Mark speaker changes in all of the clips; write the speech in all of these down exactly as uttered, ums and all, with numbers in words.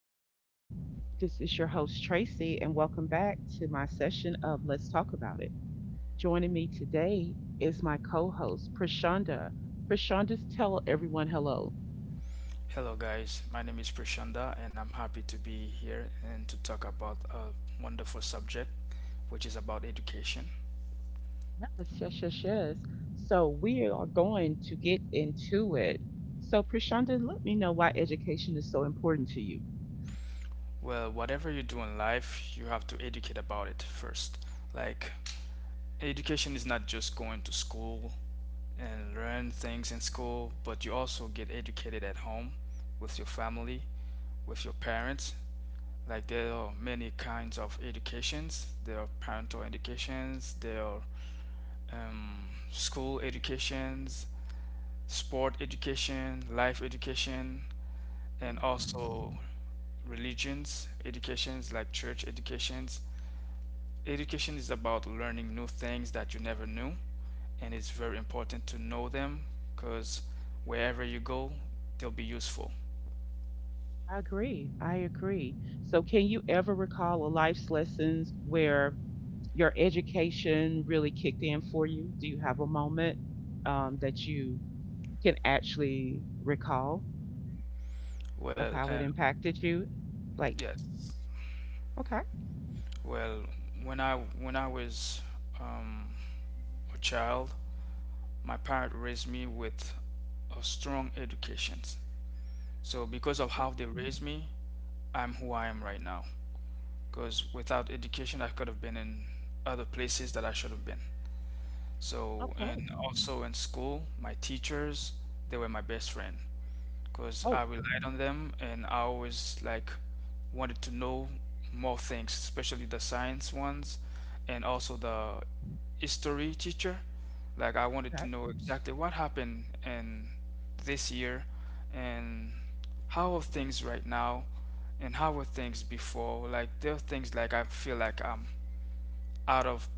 Speaker 1: out there. This is your host, Tracy, and welcome back to my session of Let's Talk About It. Joining me today is my co host, Prashanda. Prashanda, tell everyone hello.
Speaker 2: Hello, guys. My name is Prashanda, and I'm happy to be here and to talk about a wonderful subject, which is about education.
Speaker 1: Yes, yes, yes, yes. So, we are going to get into it. So, Prashanda, let me know why education is so important to you.
Speaker 2: Well, whatever you do in life, you have to educate about it first. Like, education is not just going to school and learn things in school, but you also get educated at home with your family, with your parents. Like, there are many kinds of educations. There are parental educations, there are um, school educations, sport education, life education,
Speaker 1: Oh,
Speaker 2: and
Speaker 1: yeah.
Speaker 2: also religions educations like church educations. Education is about learning new things that you never knew, and it's very important to know them because wherever you go, they'll be useful.
Speaker 1: I agree. I agree. So, can you ever recall a life's lessons where your education really kicked in for you? Do you have a moment um, that you can actually recall of
Speaker 2: Well,
Speaker 1: how it
Speaker 2: um,
Speaker 1: impacted you? Like,
Speaker 2: yes.
Speaker 1: okay.
Speaker 2: Well, when I when I was um, a child, my parents raised me with a strong education. So because of
Speaker 1: Okay.
Speaker 2: how they raised me, I'm who I am right now. Because without education, I could have been in other places that I should have been. So,
Speaker 1: Okay.
Speaker 2: and also in school, my teachers, they were my best friend because I
Speaker 1: Oh,
Speaker 2: relied on them and I always like wanted to know more things, especially the science ones and also the history teacher. Like, I wanted
Speaker 1: okay.
Speaker 2: to know exactly what happened in this year and how are things right now and how were things before. Like, there are things like I feel like I'm out of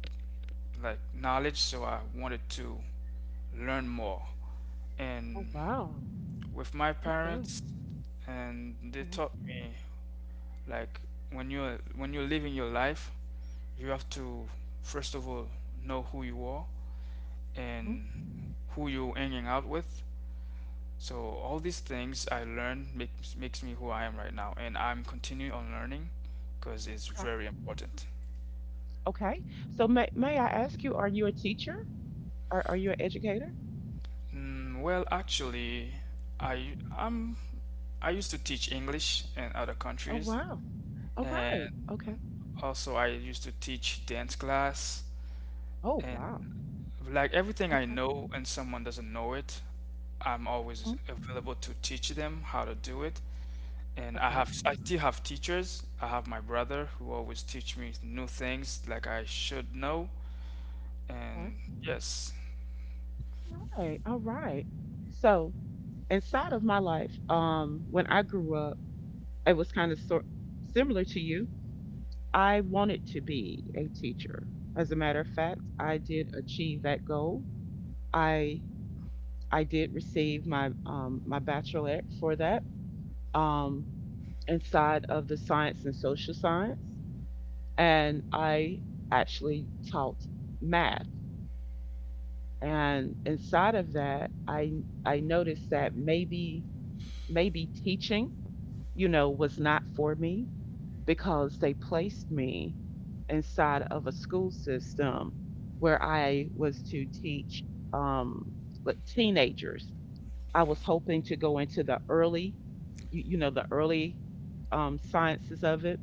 Speaker 2: like knowledge, so I wanted to learn more
Speaker 1: Oh,
Speaker 2: and
Speaker 1: wow.
Speaker 2: with my
Speaker 1: Okay.
Speaker 2: parents, and they taught me like when you're when you're living your life you have to first of all know who you are
Speaker 1: Mhm.
Speaker 2: and who you're hanging out with, so all these things I learned makes makes me who I am right now, and I'm continuing on learning because it's very important.
Speaker 1: Okay. So may may I ask you, are you a teacher or are you an educator?
Speaker 2: Mm, well, actually, i i'm i used to teach English in other
Speaker 1: Oh,
Speaker 2: countries,
Speaker 1: wow. All right.
Speaker 2: and also I used to teach dance class.
Speaker 1: Oh, wow.
Speaker 2: And like everything I
Speaker 1: Okay.
Speaker 2: know and someone doesn't know it, I'm
Speaker 1: Mhm.
Speaker 2: always available to teach them how to do it. And I
Speaker 1: Okay. Okay.
Speaker 2: have I still have teachers. I have my brother who always teach me new things like I should know.
Speaker 1: All
Speaker 2: And yes,
Speaker 1: right. All right. So inside of my life, um, when I grew up, I was kind of sort similar to you. I wanted to be a teacher. As a matter of fact, I did achieve that goal. I I did receive my um, my bachelorette for that, um, inside of the science and social science, and I actually taught math. And inside of that, I I noticed that maybe maybe teaching, you know, was not for me because they placed me inside of a school system where I was to teach, um, like teenagers. I was hoping to go into the early, you, you know, the early, um, sciences of it,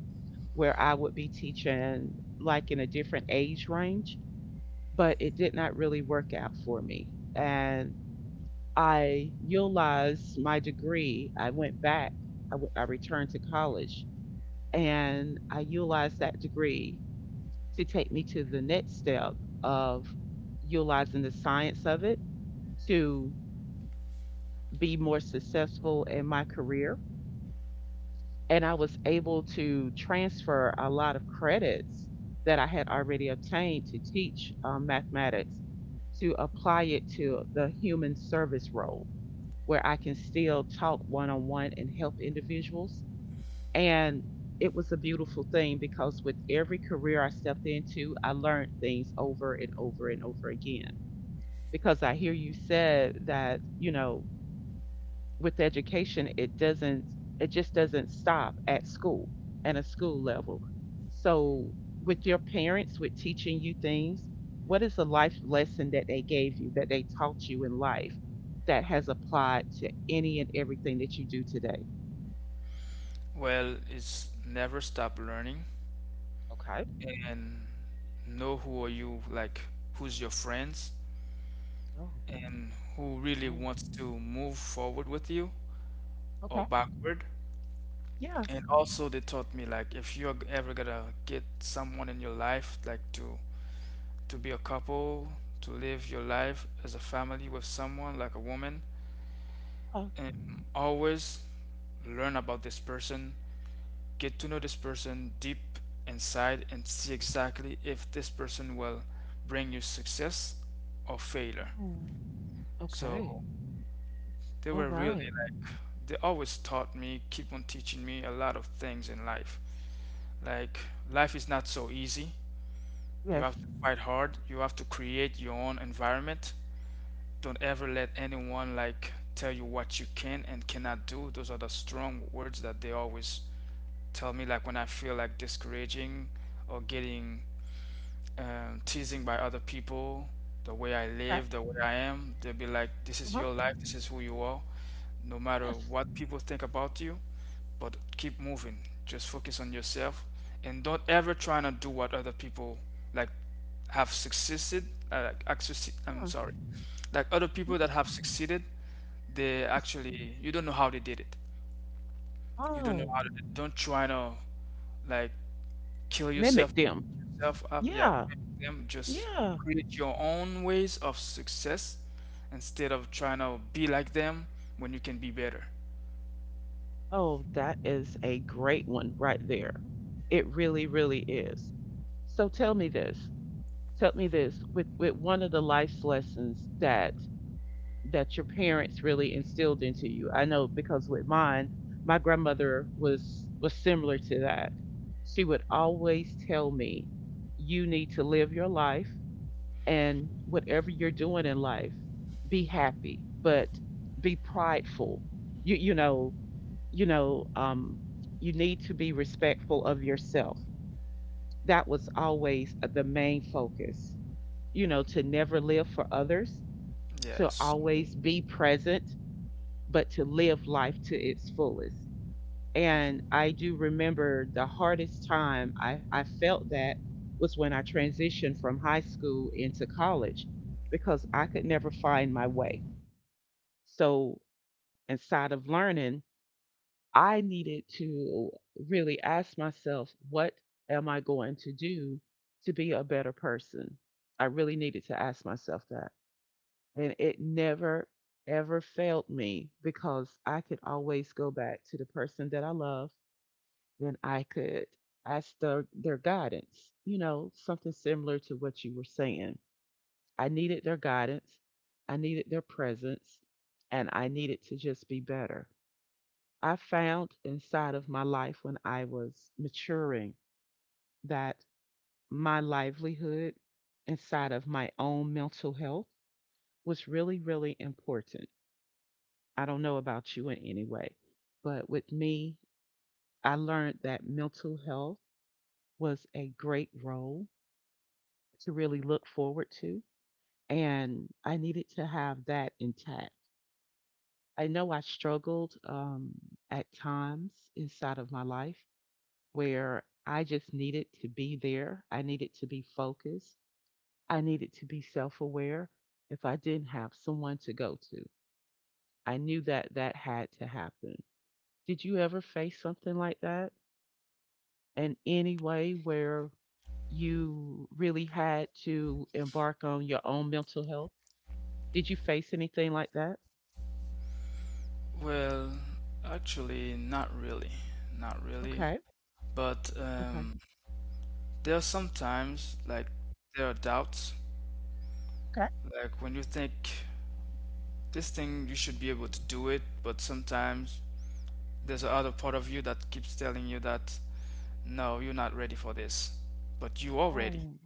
Speaker 1: where I would be teaching like in a different age range, but it did not really work out for me. And I utilized my degree. I went back. I, w- I returned to college and I utilized that degree to take me to the next step of utilizing the science of it to be more successful in my career. And I was able to transfer a lot of credits that I had already obtained to teach, um, mathematics, to apply it to the human service role, where I can still talk one on one and help individuals. And it was a beautiful thing because with every career I stepped into, I learned things over and over and over again. Because I hear you said that, you know, with education, it doesn't, it just doesn't stop at school and a school level. So with your parents, with teaching you things, what is a life lesson that they gave you, that they taught you in life that has applied to any and everything that you do today?
Speaker 2: well,
Speaker 1: Wow.
Speaker 2: it's never stop learning
Speaker 1: Okay.
Speaker 2: and know who are you, like who's your friends
Speaker 1: Oh,
Speaker 2: and who really wants to move forward with you or
Speaker 1: oh,
Speaker 2: backward.
Speaker 1: yeah. Yeah.
Speaker 2: And also they taught me, like, if you're ever gonna get someone in your life, like to to be a couple, to live your life as a family with someone like a woman, and always learn about this person, get to know this person deep inside and see exactly if this person will bring you success or failure.
Speaker 1: Oh,
Speaker 2: So
Speaker 1: okay.
Speaker 2: they
Speaker 1: All
Speaker 2: were really
Speaker 1: right.
Speaker 2: like they always taught me, keep on teaching me a lot of things in life. Like, life is not so easy. You
Speaker 1: Yes.
Speaker 2: have to fight hard. You have to create your own environment. Don't ever let anyone like tell you what you can and cannot do. Those are the strong words that they always tell me. Like, when I feel like discouraging or getting um, teasing by other people, the way I
Speaker 1: Right.
Speaker 2: live, the way I am, they'll be like, "This is
Speaker 1: Uh-huh.
Speaker 2: your life. This is who you are. No matter
Speaker 1: Yes.
Speaker 2: what people think about you, but keep moving. Just focus on yourself and don't ever try to do what other people like have succeeded." Uh, like, accessi- I'm sorry. Like, other people that have succeeded, they
Speaker 1: Yes.
Speaker 2: actually you don't know how they did it. You don't know
Speaker 1: Oh,
Speaker 2: how to don't try to like kill yourself
Speaker 1: mimic them.
Speaker 2: yourself up. Yeah,
Speaker 1: Yeah.
Speaker 2: them just
Speaker 1: Yeah.
Speaker 2: create your own ways of success instead of trying to be like them when you can be better.
Speaker 1: Oh, that is a great one right there. It really, really is. So tell me this. Tell me this with with one of the life's lessons that that your parents really instilled into you. I know because with mine, my grandmother was similar to that. She would always tell me, you need to live your life, and whatever you're doing in life, be happy, but be prideful. You you know you know um you need to be respectful of yourself. That was always the main focus, you know, to never live for others, to
Speaker 2: Yes.
Speaker 1: always be present, but to live life to its fullest. And I do remember the hardest time i i felt that was when I transitioned from high school into college because I could never find my way. So inside of learning, I needed to really ask myself, what am I going to do to be a better person? I really needed to ask myself that. And it never, ever failed me because I could always go back to the person that I love, and I could ask their, their guidance, you know, something similar to what you were saying. I needed their guidance, I needed their presence, and I needed to just be better. I found inside of my life when I was maturing that my livelihood inside of my own mental health was really, really important. I don't know about you in any way, but with me, I learned that mental health was a great role to really look forward to. And I needed to have that intact. I know I struggled, um, at times inside of my life where I just needed to be there. I needed to be focused. I needed to be self aware if I didn't have someone to go to. I knew that that had to happen. Did you ever face something like that in any way where you really had to embark on your own mental health? Did you face anything like that?
Speaker 2: Well, actually, not really, not really.
Speaker 1: Okay.
Speaker 2: But
Speaker 1: Okay.
Speaker 2: um, there are sometimes like there are doubts,
Speaker 1: Okay.
Speaker 2: like when you think this thing you should be able to do it, but sometimes there's a other part of you that keeps telling you that no, you're not ready for this, but you are ready.
Speaker 1: Oh,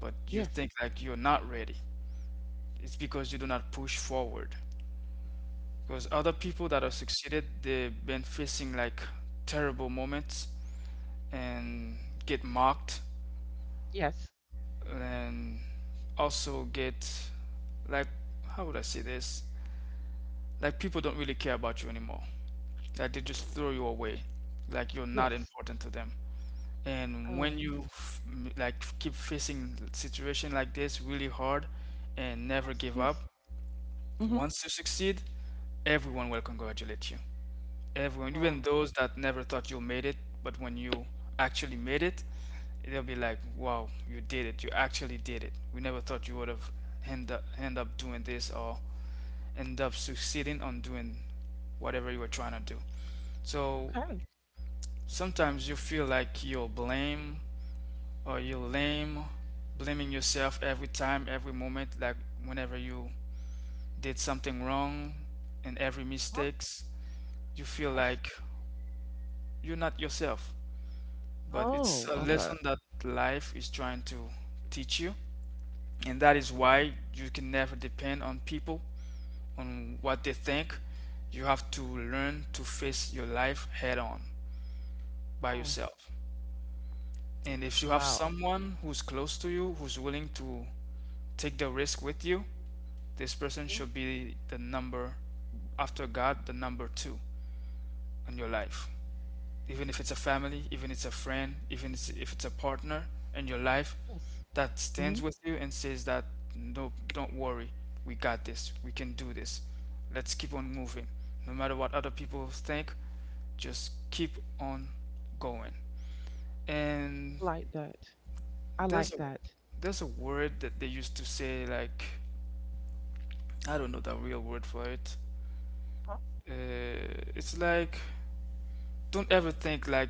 Speaker 2: But you
Speaker 1: yes.
Speaker 2: think like you're not ready. It's because you do not push forward. Because other people that
Speaker 1: Okay.
Speaker 2: have succeeded, they've been facing like terrible moments and get mocked
Speaker 1: Yes.
Speaker 2: and also get, like, how would I say this? Like, people don't really care about you anymore. Like, they just throw you
Speaker 1: I got
Speaker 2: away.
Speaker 1: you.
Speaker 2: Like, you're not
Speaker 1: Yes.
Speaker 2: important to them. And when
Speaker 1: Oh,
Speaker 2: you f- m- like keep facing situation like this really hard and never
Speaker 1: yes.
Speaker 2: give up,
Speaker 1: Yes. Mm-hmm.
Speaker 2: once you succeed, everyone will congratulate you. Everyone, even
Speaker 1: Wow.
Speaker 2: those that never thought you made it, but when you actually made it, they'll be like, "Wow, you did it! You actually did it! We never thought you would have end up end up doing this or end up succeeding on doing whatever you were trying to do." So sometimes you feel like you're blame or you're lame, blaming yourself every time, every moment, like whenever you did something wrong and every
Speaker 1: Huh?
Speaker 2: mistakes, you feel
Speaker 1: Yes.
Speaker 2: like you're not yourself. But it's
Speaker 1: Oh,
Speaker 2: a
Speaker 1: okay.
Speaker 2: lesson that life is trying to teach you, and that
Speaker 1: Yeah.
Speaker 2: is why you can never depend on people on what they think. You have to learn to face your life head on by
Speaker 1: Oh,
Speaker 2: yourself, and if you have
Speaker 1: wow.
Speaker 2: someone who's close to you who's willing to take the risk with you, this person
Speaker 1: Mhm.
Speaker 2: should be the number after God, the number two in your life, even if it's a family, even if it's a friend, even if it's a partner in your life,
Speaker 1: Yes.
Speaker 2: that stands
Speaker 1: Mhm.
Speaker 2: with you and says that no, don't worry, we got this, we can do this. Let's keep on moving. No matter what other people think, just keep on going. And
Speaker 1: Like that. I
Speaker 2: there's
Speaker 1: like
Speaker 2: a
Speaker 1: that.
Speaker 2: there's a word that they used to say, like I don't know the real word for it.
Speaker 1: Huh?
Speaker 2: Uh, it's like don't ever think like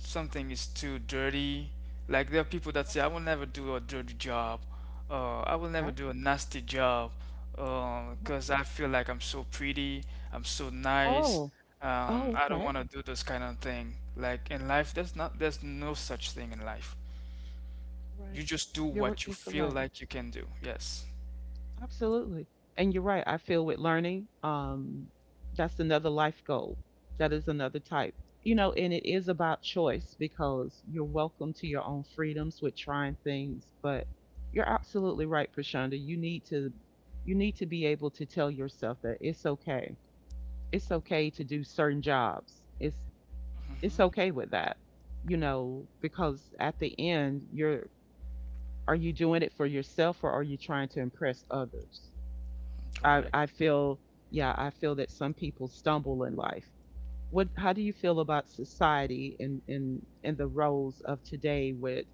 Speaker 2: something is too dirty. Like, there are people that say, "I will never do a dirty job," uh, "I will never do a nasty job," because I feel like I'm so pretty, I'm so nice.
Speaker 1: Oh,
Speaker 2: Um,
Speaker 1: oh,
Speaker 2: I don't
Speaker 1: okay,
Speaker 2: want to do this kind of thing. Like, in life, there's not, there's no such thing in life.
Speaker 1: right.
Speaker 2: You just do what you feel like you can do. Yes.
Speaker 1: Absolutely. And you're right. I feel with learning, um, that's another life goal. That is another type. You know, and it is about choice because you're welcome to your own freedoms with trying things, but you're absolutely right, Prashanda. You need to you need to be able to tell yourself that it's okay. It's okay to do certain jobs. It's
Speaker 2: Hmm.
Speaker 1: it's okay with that. You know, because at the end, you're are you doing it for yourself or are you trying to impress others? I
Speaker 2: Correct.
Speaker 1: I feel Yeah, I feel that some people stumble in life. What how do you feel about society and and and the roles of today with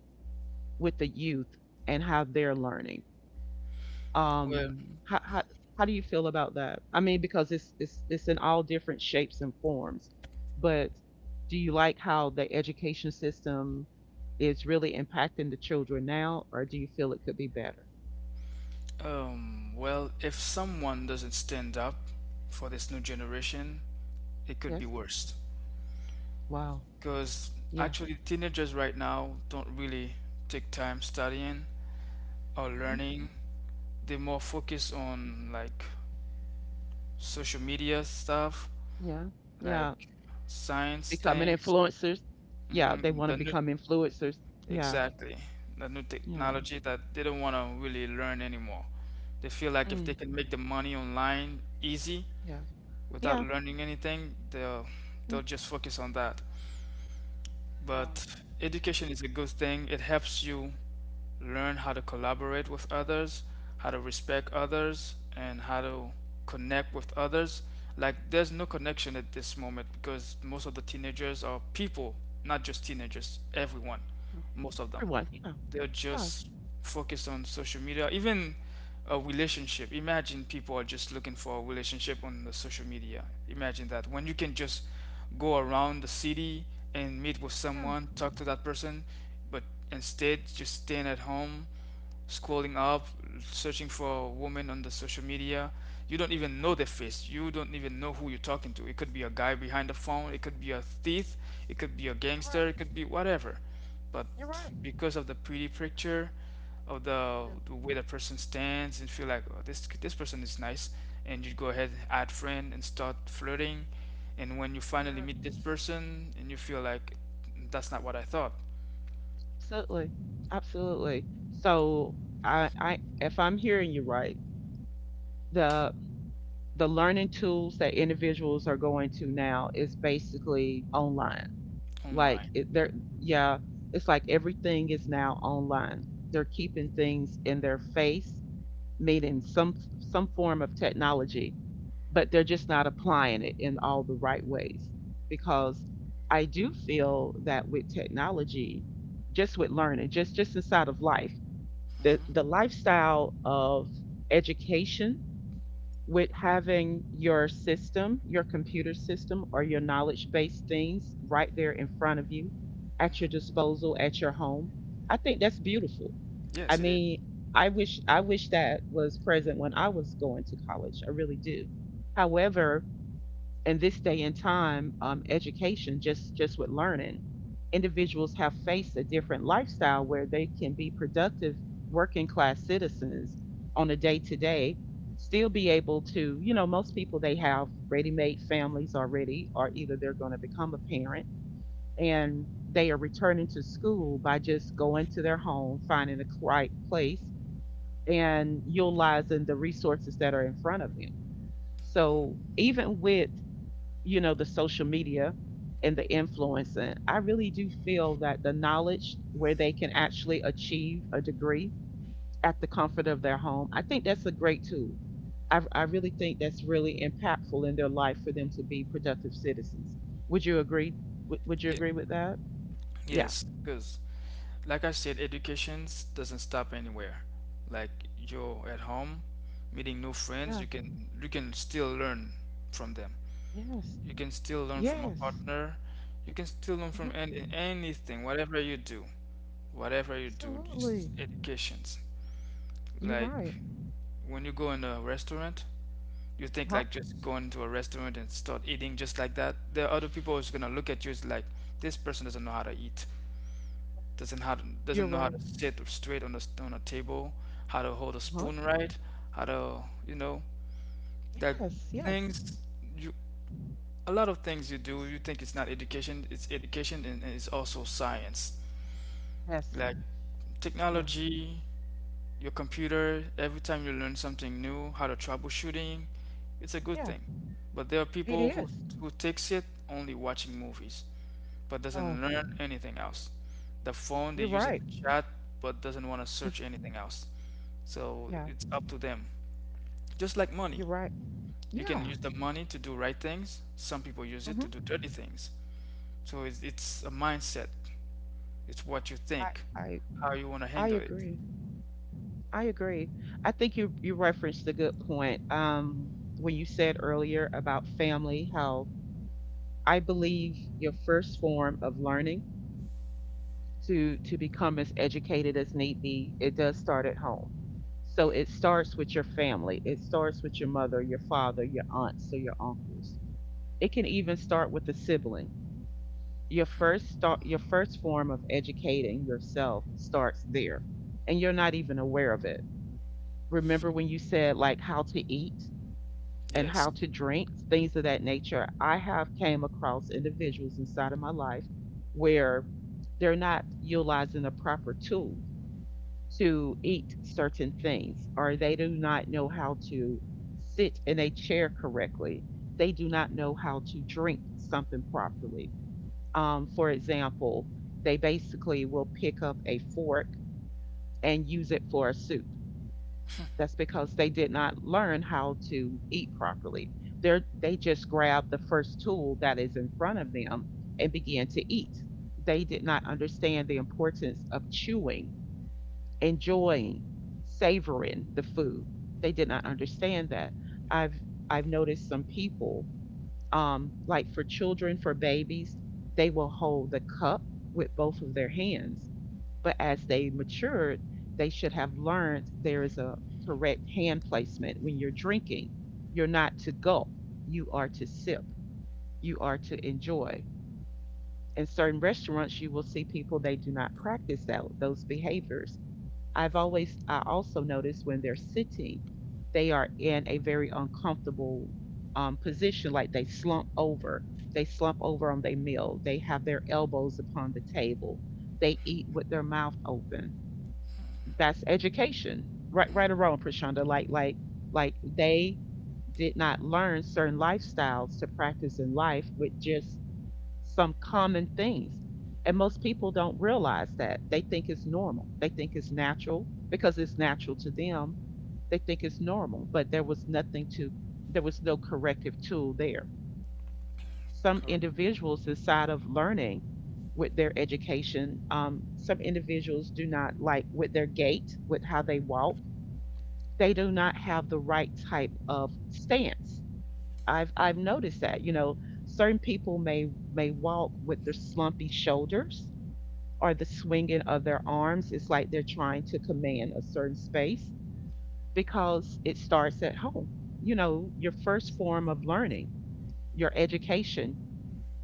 Speaker 1: with the youth and how they're learning?
Speaker 2: Well,
Speaker 1: Um, how how how do you feel about that? I mean, because it's it's it's in all different shapes and forms, but do you like how the education system is really impacting the children now, or do you feel it could be better?
Speaker 2: um, well, if someone doesn't stand up for this new generation, it could
Speaker 1: Yes.
Speaker 2: be worse.
Speaker 1: Wow.
Speaker 2: Because
Speaker 1: Yeah.
Speaker 2: actually, teenagers right now don't really take time studying or
Speaker 1: Mhm.
Speaker 2: learning. They more focus on like social media stuff,
Speaker 1: Yeah.
Speaker 2: like
Speaker 1: Yeah.
Speaker 2: science
Speaker 1: Becoming
Speaker 2: things.
Speaker 1: influencers. Yeah,
Speaker 2: hmm
Speaker 1: they want to
Speaker 2: The new,
Speaker 1: become influencers. Yeah.
Speaker 2: exactly, the new
Speaker 1: Yeah.
Speaker 2: technology that they don't want to really learn anymore. They feel like if
Speaker 1: Mm.
Speaker 2: they can make the money online easy
Speaker 1: Yeah.
Speaker 2: without
Speaker 1: Yeah.
Speaker 2: learning anything, they'll they'll just focus on that.
Speaker 1: Wow.
Speaker 2: But education is a good thing. It helps you learn how to collaborate with others, how to respect others, and how to connect with others. Like, there's no connection at this moment because most of the teenagers are people, not just teenagers, everyone, most of them
Speaker 1: Everyone.
Speaker 2: they're
Speaker 1: Yeah.
Speaker 2: just focused on social media, even a relationship. Imagine, people are just looking for a relationship on the social media. Imagine that, when you can just go around the city and meet with someone, talk to that person, but instead just staying at home scrolling up, searching for a woman on the social media. You don't even know their face. You don't even know who you're talking to. It could be a guy behind the phone. It could be a thief. It could be a gangster. It could be whatever. But
Speaker 1: You're right.
Speaker 2: because of the pretty picture, of the, the way the person stands, and feel like, oh, this this person is nice, and you go ahead add friend and start flirting, and when you finally meet this person, and you feel like that's not what I thought.
Speaker 1: Absolutely. Absolutely. So I, I if I'm hearing you right, the the learning tools that individuals are going to now is basically online. Like it,
Speaker 2: Online.
Speaker 1: they're Yeah, it's like everything is now online. They're keeping things in their face, meaning some some form of technology, but they're just not applying it in all the right ways. Because I do feel that with technology, just with learning, just just inside of life, the the
Speaker 2: Hmm.
Speaker 1: lifestyle of education, with having your system, your computer system or your knowledge based things right there in front of you at your disposal at your home. I think that's beautiful. I
Speaker 2: Yes, it is.
Speaker 1: mean, I wish I wish that was present when I was going to college. I really do. However, in this day and time, um, education, just just with learning, individuals have faced a different lifestyle where they can be productive working class citizens on a day to day, still be able to, you know, most people they have ready made families already, or either they're going to become a parent and they are returning to school by just going to their home, finding a right place, and utilizing the resources that are in front of them. So even with, you know, the social media and the influence, and I really do feel that the knowledge where they can actually achieve a degree at the comfort of their home, I think that's a great tool. i, I really think that's really impactful in their life for them to be productive citizens. Would you agree? Would, would you
Speaker 2: Yeah.
Speaker 1: agree with that? Yeah.
Speaker 2: Yes, because like I said, education s- doesn't stop anywhere. Like, you're at home, meeting new friends, you can you can still learn from them.
Speaker 1: Yes.
Speaker 2: You can still learn from a
Speaker 1: Yes.
Speaker 2: partner. You can still learn from any, anything, whatever you do, whatever you do, just
Speaker 1: Absolutely.
Speaker 2: educations.
Speaker 1: You're
Speaker 2: Like,
Speaker 1: right.
Speaker 2: when you go in a restaurant, you think
Speaker 1: Huh?
Speaker 2: like just going to a restaurant and start eating just like that. There are other people who's gonna look at you as like this person doesn't know how to eat. doesn't how to,
Speaker 1: You're
Speaker 2: doesn't know how
Speaker 1: right.
Speaker 2: to sit straight on a s- on a table, how to hold a spoon right, how to, you know, that
Speaker 1: Yes.
Speaker 2: things, you, a lot of things you do you think it's not education, it's education, and, and it's also science,
Speaker 1: Yes.
Speaker 2: like
Speaker 1: Yeah.
Speaker 2: technology, your computer, every time you learn something new how to troubleshooting, it's a good
Speaker 1: Yeah.
Speaker 2: thing. But there are
Speaker 1: It
Speaker 2: people who
Speaker 1: is.
Speaker 2: who takes it only watching movies but
Speaker 1: Oh,
Speaker 2: doesn't learn anything else. The phone, they
Speaker 1: you're
Speaker 2: use it
Speaker 1: right.
Speaker 2: to chat, but doesn't want to search anything else. So
Speaker 1: Yeah.
Speaker 2: it's up to them. Just like money. You can
Speaker 1: Yeah.
Speaker 2: use the money to do right things. Some people use it to do dirty things. So it's, it's a mindset. It's what you
Speaker 1: I,
Speaker 2: think, how you want to
Speaker 1: I
Speaker 2: handle it.
Speaker 1: agree. I agree. I think you you referenced a good point, um, when you said earlier about family. How I believe your first form of learning to to become as educated as need be, it does start at home. So it starts with your family. It starts with your mother, your father, your aunts, or your uncles. It can even start with a sibling. Your first start your first form of educating yourself starts there, and you're not even aware of it. Remember when you said like how to eat and how
Speaker 2: Yes,
Speaker 1: to drink, things of that nature? I have came across individuals inside of my life where they're not utilizing the proper tool to eat certain things, or they do not know how to sit in a chair correctly. They do not know how to drink something properly. Um, for example, they basically will pick up a fork and use it for a soup. That's because they did not learn how to eat properly. They're, they just grabbed the first tool that is in front of them and began to eat. They did not understand the importance of chewing, enjoying, savoring the food. They did not understand that. I've I've noticed some people, um, like for children, for babies, they will hold the cup with both of their hands but as they matured, they should have learned there is a correct hand placement when you're drinking. You're not to gulp, you are to sip, you are to enjoy. In certain restaurants, you will see people they do not practice that, those behaviors. I've always, I also noticed when they're sitting, they are in a very uncomfortable um, position, like they slump over. They slump over on their meal. They have their elbows upon the table. They eat with their mouth open. That's education, right? Right or wrong, Prashanda? Like like like they did not learn certain lifestyles to practice in life with just some common things. And most people don't realize that. They think it's normal, they think it's natural because it's natural to them. They think it's normal, but there was nothing to there was no corrective tool there. Some
Speaker 2: correct,
Speaker 1: individuals inside of learning with their education, um, some individuals do not, like with their gait, with how they walk, they do not have the right type of stance. I've I've noticed that, you know, certain people may may walk with their slumpy shoulders or the swinging of their arms. It's like they're trying to command a certain space because it starts at home. You know, your first form of learning, your education,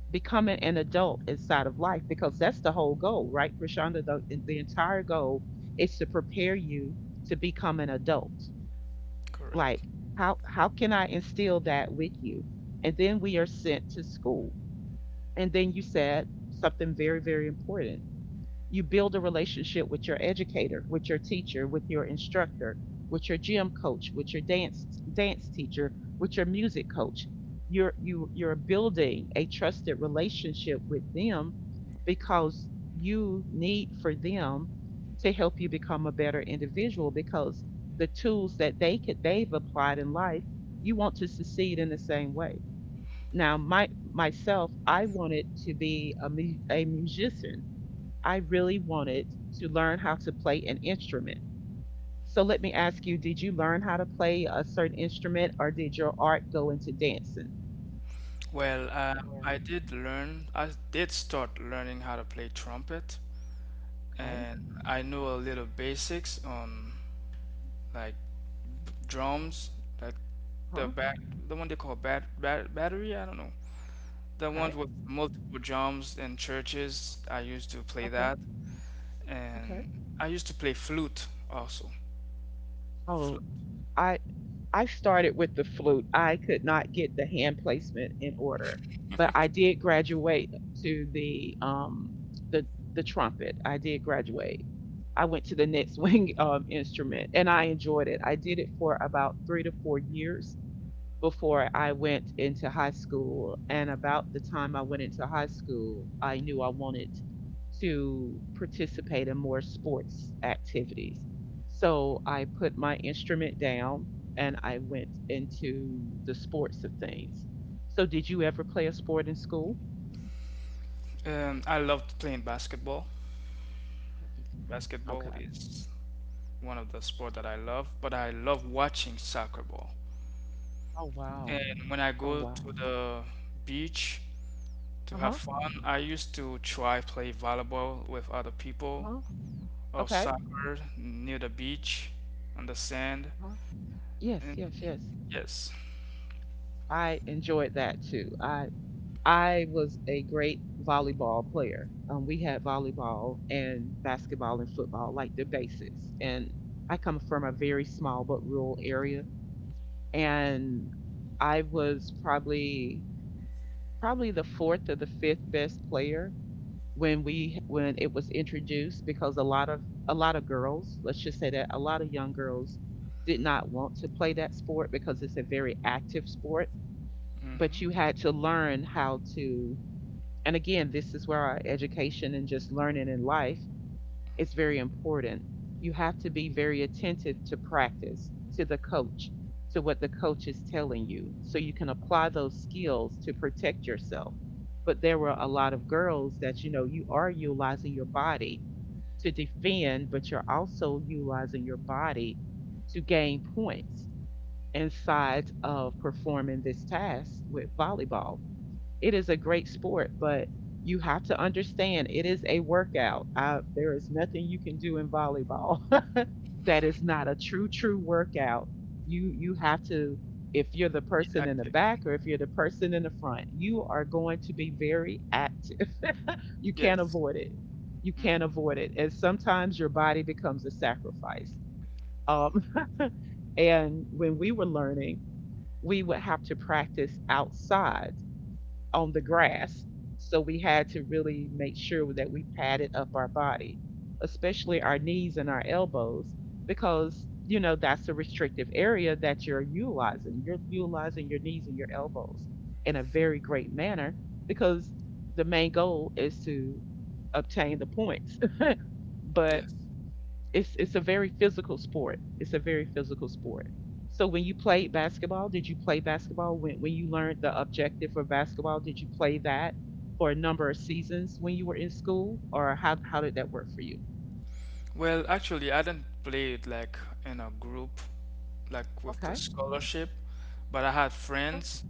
Speaker 1: becoming an adult inside of life, because that's the whole goal, right? Prashanda, the, the entire goal is to prepare you to become an adult.
Speaker 2: correct.
Speaker 1: Like, how how can I instill that with you? And then we are sent to school. And then you said something very, very important. You build a relationship with your educator, with your teacher, with your instructor, with your gym coach, with your dance dance teacher, with your music coach. You're you you're building a trusted relationship with them because you need for them to help you become a better individual, because the tools that they could they've applied in life, you want to succeed in the same way. Now my myself, I wanted to be a, mu- a musician. I really wanted to learn how to play an instrument. So let me ask you, did you learn how to play a certain instrument or did your art go into dancing?
Speaker 2: Well,
Speaker 1: Yeah.
Speaker 2: um, I did learn, I did start learning how to play trumpet,
Speaker 1: Okay.
Speaker 2: and I knew a little basics on like drums, like the
Speaker 1: Huh.
Speaker 2: bat, the one they call bat, bat battery. I don't know. The
Speaker 1: Okay.
Speaker 2: ones with multiple drums in churches. I used to play
Speaker 1: Okay.
Speaker 2: that,
Speaker 1: Okay.
Speaker 2: and I used to play flute also.
Speaker 1: Oh.
Speaker 2: Flute.
Speaker 1: i I started with the flute. I could not get the hand placement in order, but I did graduate to the um the the trumpet. I did graduate. I went to the next wing um, instrument, and I enjoyed it. I did it for about three to four years, before I went into high school. And about the time I went into high school, I knew I wanted to participate in more sports activities. So I put my instrument down and I went into the sports of things. So, did you ever play a sport in school?
Speaker 2: Um, I loved playing basketball.
Speaker 1: Mhm.
Speaker 2: Basketball
Speaker 1: Okay.
Speaker 2: is one of the sport
Speaker 1: Yeah.
Speaker 2: that I love, but I love watching soccer ball.
Speaker 1: Oh, wow.
Speaker 2: And when I go to the beach to
Speaker 1: Uh
Speaker 2: have
Speaker 1: huh.
Speaker 2: fun, I used to try play volleyball with other
Speaker 1: Uh
Speaker 2: people,
Speaker 1: huh.
Speaker 2: or
Speaker 1: Okay.
Speaker 2: soccer near the beach, on the sand,
Speaker 1: Yes, yes, yes.
Speaker 2: and yes.
Speaker 1: I enjoyed that too. I I was a great volleyball player. Um, we had volleyball and basketball and football, like the basics. And I come from a very small but rural area, and I was probably probably the fourth or the fifth best player when we when it was introduced because a lot of a lot of girls, let's just say that a lot of young girls did not want to play that sport because it's a very active sport, but you
Speaker 2: Mm-hmm.
Speaker 1: had to learn how to. And again, this is where our education and just learning in life is very important. You have to be very attentive to practice, to the coach, to what the coach is telling you, so you can apply those skills to protect yourself. But there were a lot of girls that, you know, you are utilizing your body to defend, but you're also utilizing your body to gain points inside of performing this task with volleyball. It is a great sport, but you have to understand it is a workout. I, there is nothing you can do in volleyball that is
Speaker 2: Mm-hmm.
Speaker 1: not a true, true workout. You you have to, if you're the
Speaker 2: Be
Speaker 1: person in the
Speaker 2: active.
Speaker 1: back or if you're the person in the front, you are going to be very active. You can't
Speaker 2: Yes.
Speaker 1: avoid it. You can't
Speaker 2: Mhm.
Speaker 1: avoid it. And sometimes your body becomes a sacrifice. Um, and when we were learning, we would have to practice outside, on the grass. So we had to really make sure that we padded up our body, especially our knees and our elbows, because, you know, that's a restrictive area that you're utilizing. You're utilizing your knees and your elbows in a very great manner because the main goal is to obtain the points. But
Speaker 2: Yes.
Speaker 1: it's it's a very physical sport. It's a very physical sport. So when you played basketball, did you play basketball? When when you learned the objective for basketball, did you play that for a number of seasons when you were in school, or how how did that work for you?
Speaker 2: Well, actually, I didn't play it like in a group, like with the
Speaker 1: Okay.
Speaker 2: scholarship, but I had friends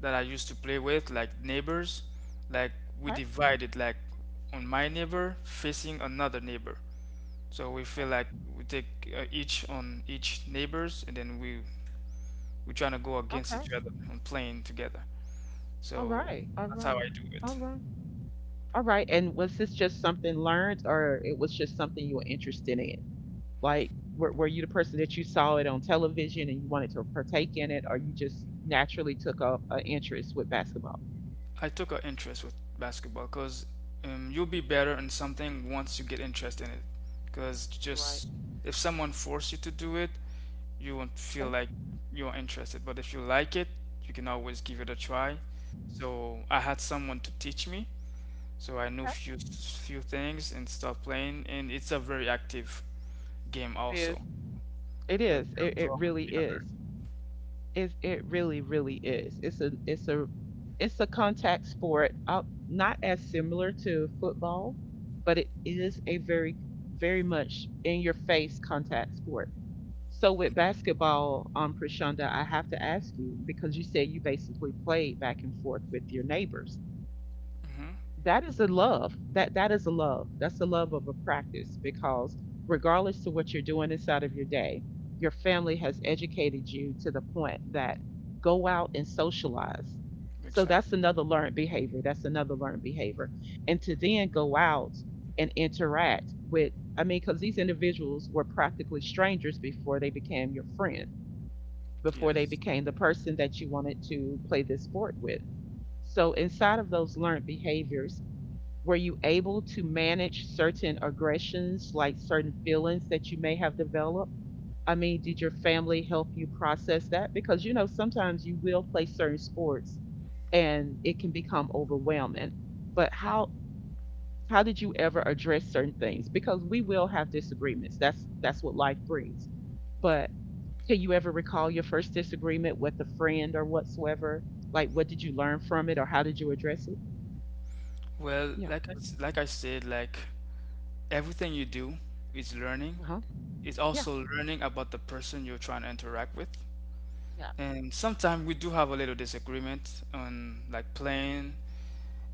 Speaker 2: that I used to play with, like neighbors. Like we divided, like on my neighbor facing another neighbor. So we feel
Speaker 1: Okay.
Speaker 2: like we take uh, each on each neighbors, and then we we're trying to go against each other and playing together.
Speaker 1: All
Speaker 2: So
Speaker 1: right. All
Speaker 2: that's how
Speaker 1: right.
Speaker 2: I do it.
Speaker 1: All right. All right. And was this just something learned, or it was just something you were interested in? Like, were were you the person that you saw it on television and you wanted to partake in it, or you just naturally took up an interest with basketball?
Speaker 2: I took an interest with basketball because um, you'll be better in something once you get interest in it. Because
Speaker 1: Right.
Speaker 2: just if someone force you to do it, you won't feel like you're interested. But if you like it, you can always give it a try. So I had someone to teach me, so I knew
Speaker 1: Okay.
Speaker 2: few few things and start playing. And it's a very active game
Speaker 1: It
Speaker 2: also,
Speaker 1: is. It
Speaker 2: because
Speaker 1: is.
Speaker 2: you have
Speaker 1: It,
Speaker 2: to
Speaker 1: it
Speaker 2: always
Speaker 1: really
Speaker 2: be alert.
Speaker 1: is. It it really really is. It's a it's a it's a contact sport. Uh, not as similar to football, but it is a very very much in your face contact sport. So with basketball, um, Prashanda, I have to ask you because you said you basically played back and forth with your neighbors.
Speaker 2: Mm-hmm.
Speaker 1: That is a love. That that is a love. That's the love of a practice because regardless to what you're doing inside of your day, your family has educated you to the point that go out and socialize. So that's
Speaker 2: Exactly.
Speaker 1: another learned behavior. That's another learned behavior. And to then go out and interact with, I mean, because these individuals were practically strangers before they became your friend, before they
Speaker 2: Yes.
Speaker 1: became the person that you wanted to play this sport with. So inside of those learned behaviors, were you able to manage certain aggressions, like certain feelings that you may have developed? I mean, did your family help you process that? Because you know, sometimes you will play certain sports and it can become overwhelming. But how how did you ever address certain things? Because we will have disagreements. That's that's what life brings. But can you ever recall your first disagreement with a friend or whatsoever? Like what did you learn from it or how did you address it?
Speaker 2: Well,
Speaker 1: Yeah.
Speaker 2: like I, s- like I said, like everything you do is learning. It's
Speaker 1: Yeah.
Speaker 2: also learning about the person you're trying to interact with.
Speaker 1: Yeah.
Speaker 2: And sometimes we do have a little disagreement on like playing.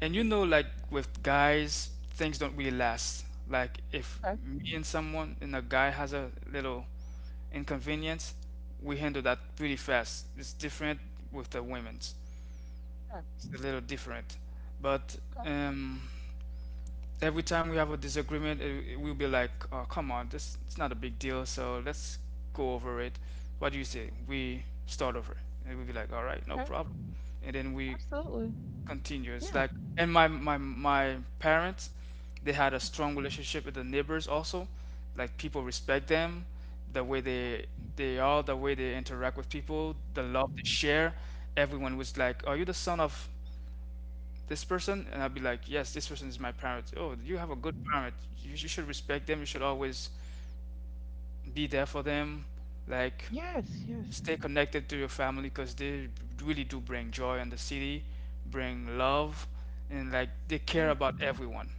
Speaker 2: And you know, like with guys, things don't really last. Like if
Speaker 1: Okay.
Speaker 2: me and someone and a guy has a little inconvenience, we handle that pretty fast. It's different with the women's.
Speaker 1: Yeah.
Speaker 2: It's a little different. But um every time we have a disagreement, it, it will be like, oh, come on, this it's not a big deal, so let's go over it. What do you say? We start over. And it will be like, all right, no problem. And then we
Speaker 1: Absolutely.
Speaker 2: continue. It's
Speaker 1: Yeah.
Speaker 2: like, and my my my parents, they had a strong relationship with the neighbors also. Like people respect them, the way they they are, the way they interact with people, the love they share. Everyone was like, "Are you the son of this person?" And I'll be like, yes, this person is my parent. Oh, you have a good parent, you, you should respect them, you should always be there for them, like
Speaker 1: Yes. Yes.
Speaker 2: stay connected to your family because they really do bring joy in the city, bring love, and like they care about everyone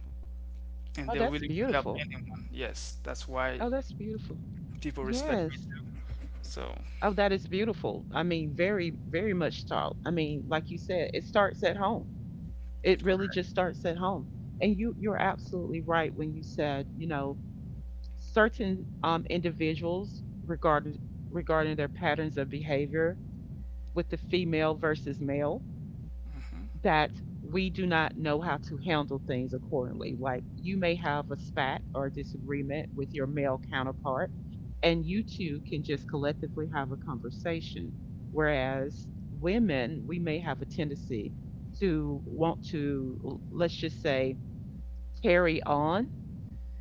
Speaker 2: and
Speaker 1: Oh,
Speaker 2: they're
Speaker 1: that's
Speaker 2: willing to help
Speaker 1: beautiful.
Speaker 2: anyone. Yes, that's why
Speaker 1: Oh, that's beautiful.
Speaker 2: people respect me
Speaker 1: Yes.
Speaker 2: too. So
Speaker 1: Oh, that is beautiful. I mean, very, very much so. I mean, like you said, it starts at home. It really
Speaker 2: correct.
Speaker 1: just starts at home. And you, you're absolutely right when you said, you know, certain um, individuals regarding regarding their patterns of behavior with the female versus male,
Speaker 2: Hmm.
Speaker 1: that we do not know how to handle things accordingly. Like you may have a spat or disagreement with your male counterpart, and you two can just collectively have a conversation. Whereas women, we may have a tendency to want to, l- let's just say, carry on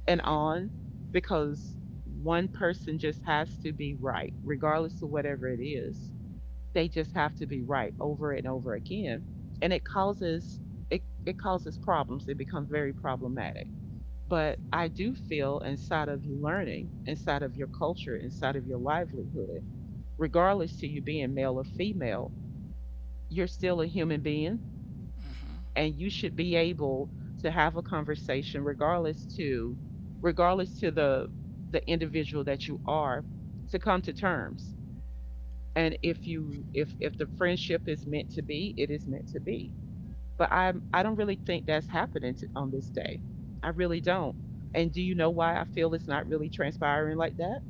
Speaker 1: and on because one person just has to be right, regardless of whatever it is. They just have to be right over and over again. And it causes it causes problems. It becomes very problematic. But I do feel inside of you learning, inside of your culture, inside of your livelihood, regardless to you being male or female, you're still a human being and you should be able to have a conversation regardless to regardless to the the individual that you are, to come to terms. And if you if if the friendship is meant to be, it is meant to be. But I'm I don't really think that's happening to, on this day. I really don't. And do you know why I feel it's not really transpiring like that?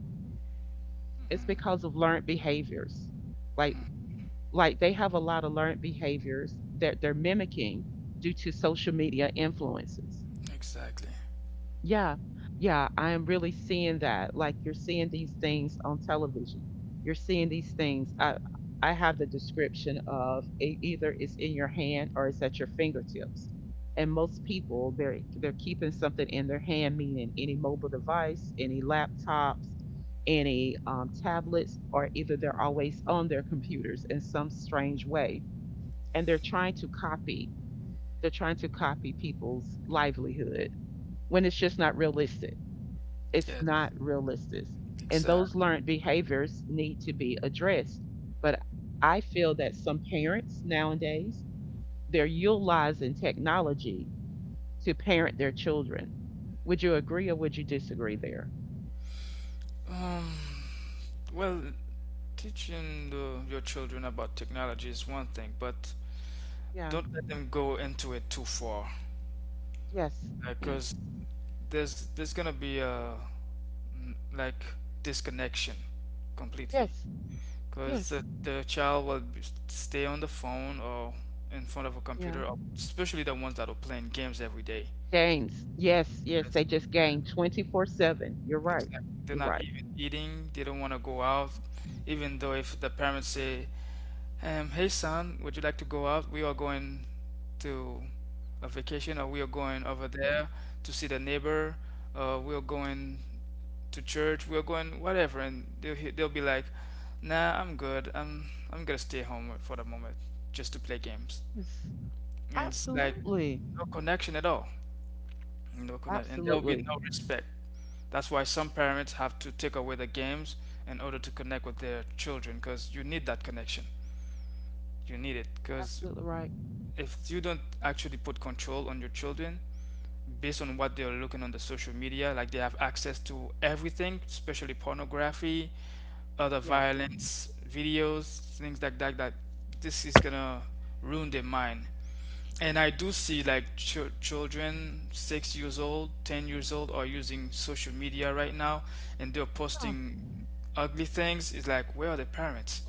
Speaker 1: It's because of learned behaviors. Like like they have a lot of learned behaviors that they're mimicking due to social media influences.
Speaker 2: Exactly.
Speaker 1: Yeah. Yeah, I am really seeing that. Like you're seeing these things on television. You're seeing these things. I I have the description of it. Either it's in your hand or it's at your fingertips, and most people, they're they're keeping something in their hand, meaning any mobile device, any laptops, any um, tablets, or either they're always on their computers in some strange way. And they're trying to copy, they're trying to copy people's livelihood when it's just not realistic. It's not
Speaker 2: Yes.
Speaker 1: realistic. And those
Speaker 2: Exactly.
Speaker 1: learned behaviors need to be addressed. But I feel that some parents nowadays, they're utilizing technology to parent their children. Would you agree or would you disagree there?
Speaker 2: um well, teaching the, your children about technology is one thing, but
Speaker 1: Yeah.
Speaker 2: don't let them go into it too far,
Speaker 1: Yes. Yes.
Speaker 2: because there's there's gonna be a mm, like disconnection completely,
Speaker 1: Yes.
Speaker 2: because
Speaker 1: Yes.
Speaker 2: the, the child will be- stay on the phone or in front of a
Speaker 1: Yeah.
Speaker 2: computer, or especially the ones that are playing games every day.
Speaker 1: Games. Yes. Yes. They
Speaker 2: That's-
Speaker 1: just game twenty-four seven. You're
Speaker 2: it's
Speaker 1: right.
Speaker 2: like they're
Speaker 1: You're
Speaker 2: not
Speaker 1: right.
Speaker 2: even eating, they don't want to go out, even though if the parents say, um, hey son, would you like to go out, we are going to a vacation, or we are going over there to see the neighbor, uh, we are going to church, we are going whatever, and they'll, he- they'll be like, nah, I'm good, i'm I'm gonna stay home for the moment just to play games. And it's like
Speaker 1: Absolutely.
Speaker 2: no connection at all, no connect, and there will be
Speaker 1: Absolutely.
Speaker 2: no respect. That's why some parents have to take away the games in order to connect with their children, because you need that connection. You need it, because
Speaker 1: Absolutely right.
Speaker 2: if you don't actually put control on your children based on what they're looking on the social media, like they have access to everything, especially pornography, other
Speaker 1: Yeah.
Speaker 2: violence videos, things like that, that this is gonna ruin their mind. And I do see like ch- children six years old, ten years old are using social media right now, and they're posting ugly things. It's like, where are the parents?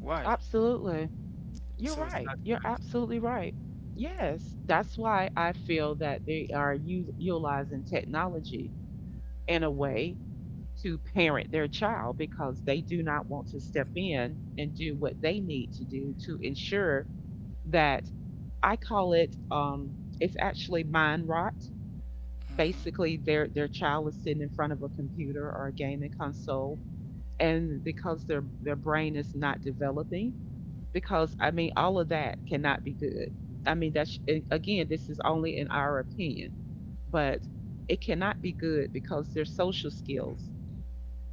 Speaker 2: Why?
Speaker 1: Absolutely. You're
Speaker 2: So it's
Speaker 1: right.
Speaker 2: not good.
Speaker 1: You're absolutely right. Yes. That's why I feel that they are u- utilizing technology in a way to parent their child, because they do not want to step in and do what they need to do to ensure that. I call it um it's actually mind rot. Basically,
Speaker 2: Hmm.
Speaker 1: their their child is sitting in front of a computer or a gaming console, and because their their brain is not developing, because I mean, all of that cannot be good. I mean, that's — and again, this is only in our opinion, but it cannot be good because their social skills,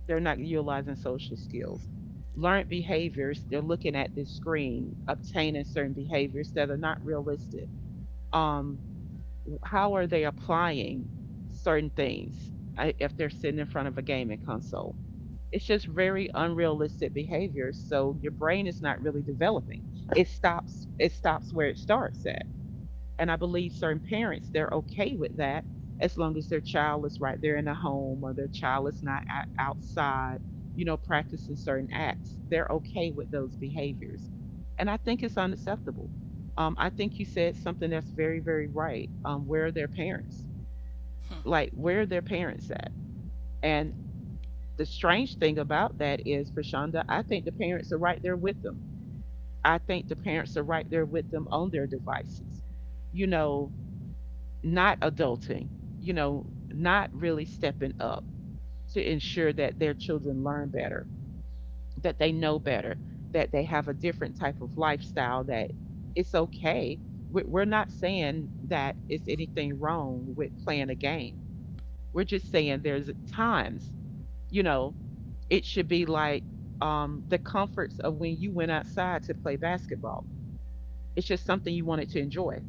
Speaker 1: they're not utilizing social skills. Learned behaviors, they're looking at this screen, obtaining certain behaviors that are not realistic. Um, how are they applying certain things uh, if they're sitting in front of a gaming console? It's just very unrealistic behaviors. So your brain is not really developing. It stops. It stops where it starts at. And I believe certain parents, they're okay with that, as long as their child is right there in the home, or their child is not outside, you know, practicing certain acts. They're okay with those behaviors. And I think it's unacceptable. Um, I think you said something that's very, very right. Um, where are their parents? Like, where are their parents at? And the strange thing about that is, Prashanda, I think the parents are right there with them. I think the parents are right there with them on their device, you know, not adulting, you know, not really stepping up to ensure that their children learn better, that they know better, that they have a different type of lifestyle, that it's okay. We- are not saying that it's anything wrong with playing a game. We're just saying there's times, you know, it should be like um, the comforts of when you went outside to play basketball. It's just something you wanted to enjoy,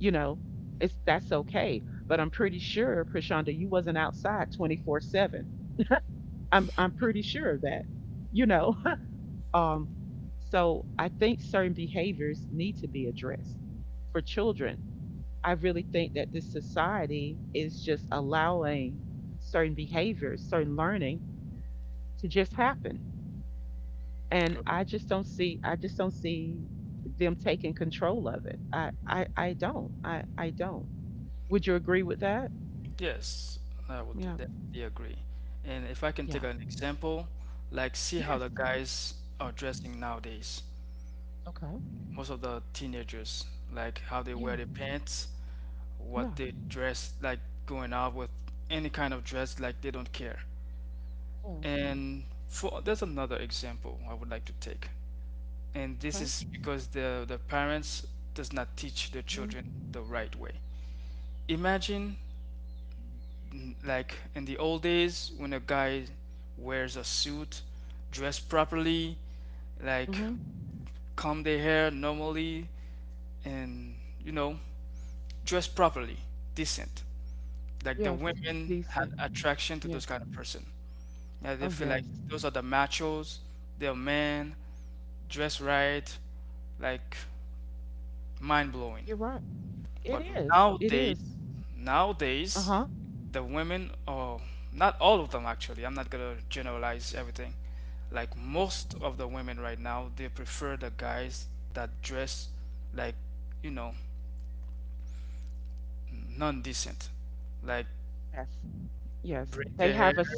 Speaker 1: you know, it's — that's okay. But I'm pretty sure, Prashanda, you wasn't outside twenty-four seven. I'm I'm pretty sure of that, you know. Um, so I think certain behaviors need to be addressed for children. I really think that this society is just allowing certain behaviors, certain learning to just happen. And I just don't see — I just don't see them taking control of it. I I, I don't. I, I don't. Would you agree with that?
Speaker 2: Yes, I would
Speaker 1: Yeah.
Speaker 2: definitely agree. And if I can take an example, like see how
Speaker 1: Yeah.
Speaker 2: the guys are dressing nowadays.
Speaker 1: Okay.
Speaker 2: Most of the teenagers, like how they wear
Speaker 1: Yeah.
Speaker 2: their pants, what
Speaker 1: Yeah.
Speaker 2: they dress, like going out with any kind of dress, like they don't care.
Speaker 1: Yeah.
Speaker 2: And for there's another example I would like to take. And this
Speaker 1: Okay.
Speaker 2: is because the the parents does not teach their
Speaker 1: Hmm.
Speaker 2: children the right way. Imagine, like in the old days, when a guy wears a suit, dressed properly, like
Speaker 1: Hmm.
Speaker 2: comb their hair normally, and you know, dress properly, decent. Like the
Speaker 1: Yes.
Speaker 2: women had
Speaker 1: Decent.
Speaker 2: attraction to those
Speaker 1: Yes.
Speaker 2: kind of person. Yeah, they
Speaker 1: Oh,
Speaker 2: feel like
Speaker 1: yes.
Speaker 2: those are the machos, they're men, dress right, like mind blowing.
Speaker 1: You're right. It
Speaker 2: But
Speaker 1: is. It
Speaker 2: nowadays,
Speaker 1: is.
Speaker 2: nowadays,
Speaker 1: Uh-huh.
Speaker 2: the women, oh, not all of them actually, I'm not gonna generalize everything. Like
Speaker 1: Yes.
Speaker 2: most of the women right now, they prefer the guys that dress like, you know, non-decent. Like
Speaker 1: Yes. Yes.
Speaker 2: braid
Speaker 1: They
Speaker 2: their hair.
Speaker 1: have a s-,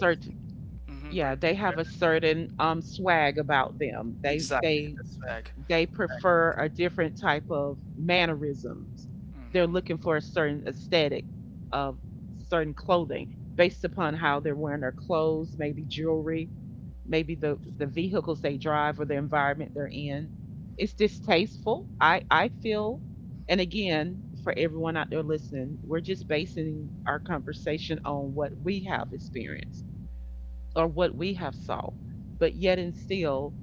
Speaker 2: Hmm, braid
Speaker 1: yeah, they have
Speaker 2: their.
Speaker 1: a certain um swag about them. They
Speaker 2: Exactly,
Speaker 1: they
Speaker 2: that's fact.
Speaker 1: they prefer a different type of mannerisms. They're looking
Speaker 2: Hmm.
Speaker 1: for a certain aesthetic of certain clothing, based upon how they're wearing their clothes, maybe jewelry, maybe the the vehicles they drive, or the environment they're in. It's tasteful. I I feel, and again, for everyone out there listening, we're just basing our conversation on what we have experienced or what we have saw. But yet and still,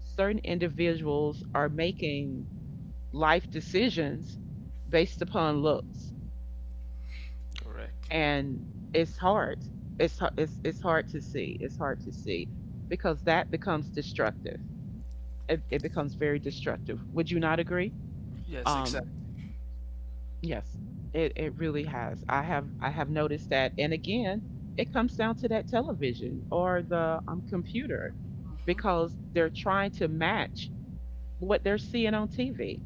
Speaker 1: certain individuals are making life decisions based upon looks,
Speaker 2: Correct.
Speaker 1: and it's hard. It's har- it's it's hard to see. It's hard to see, because that becomes destructive. It, it becomes very destructive. Would you not agree?
Speaker 2: Yes,
Speaker 1: Um,
Speaker 2: exactly.
Speaker 1: Yes, it it really has. I have I have noticed that, and again, it comes down to that television or the um, computer,
Speaker 2: Hmm.
Speaker 1: because they're trying to match what they're seeing on T V.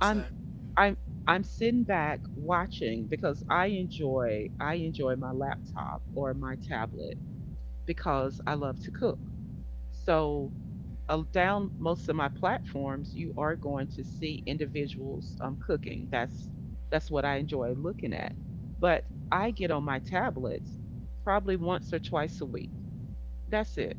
Speaker 1: I'm I'm I'm sitting back watching, because I enjoy I enjoy my laptop or my tablet, because I love to cook. So, uh, down most of my platforms, you are going to see individuals um, cooking. That's that's what I enjoy looking at. But I get on my tablets probably once or twice a week. That's it.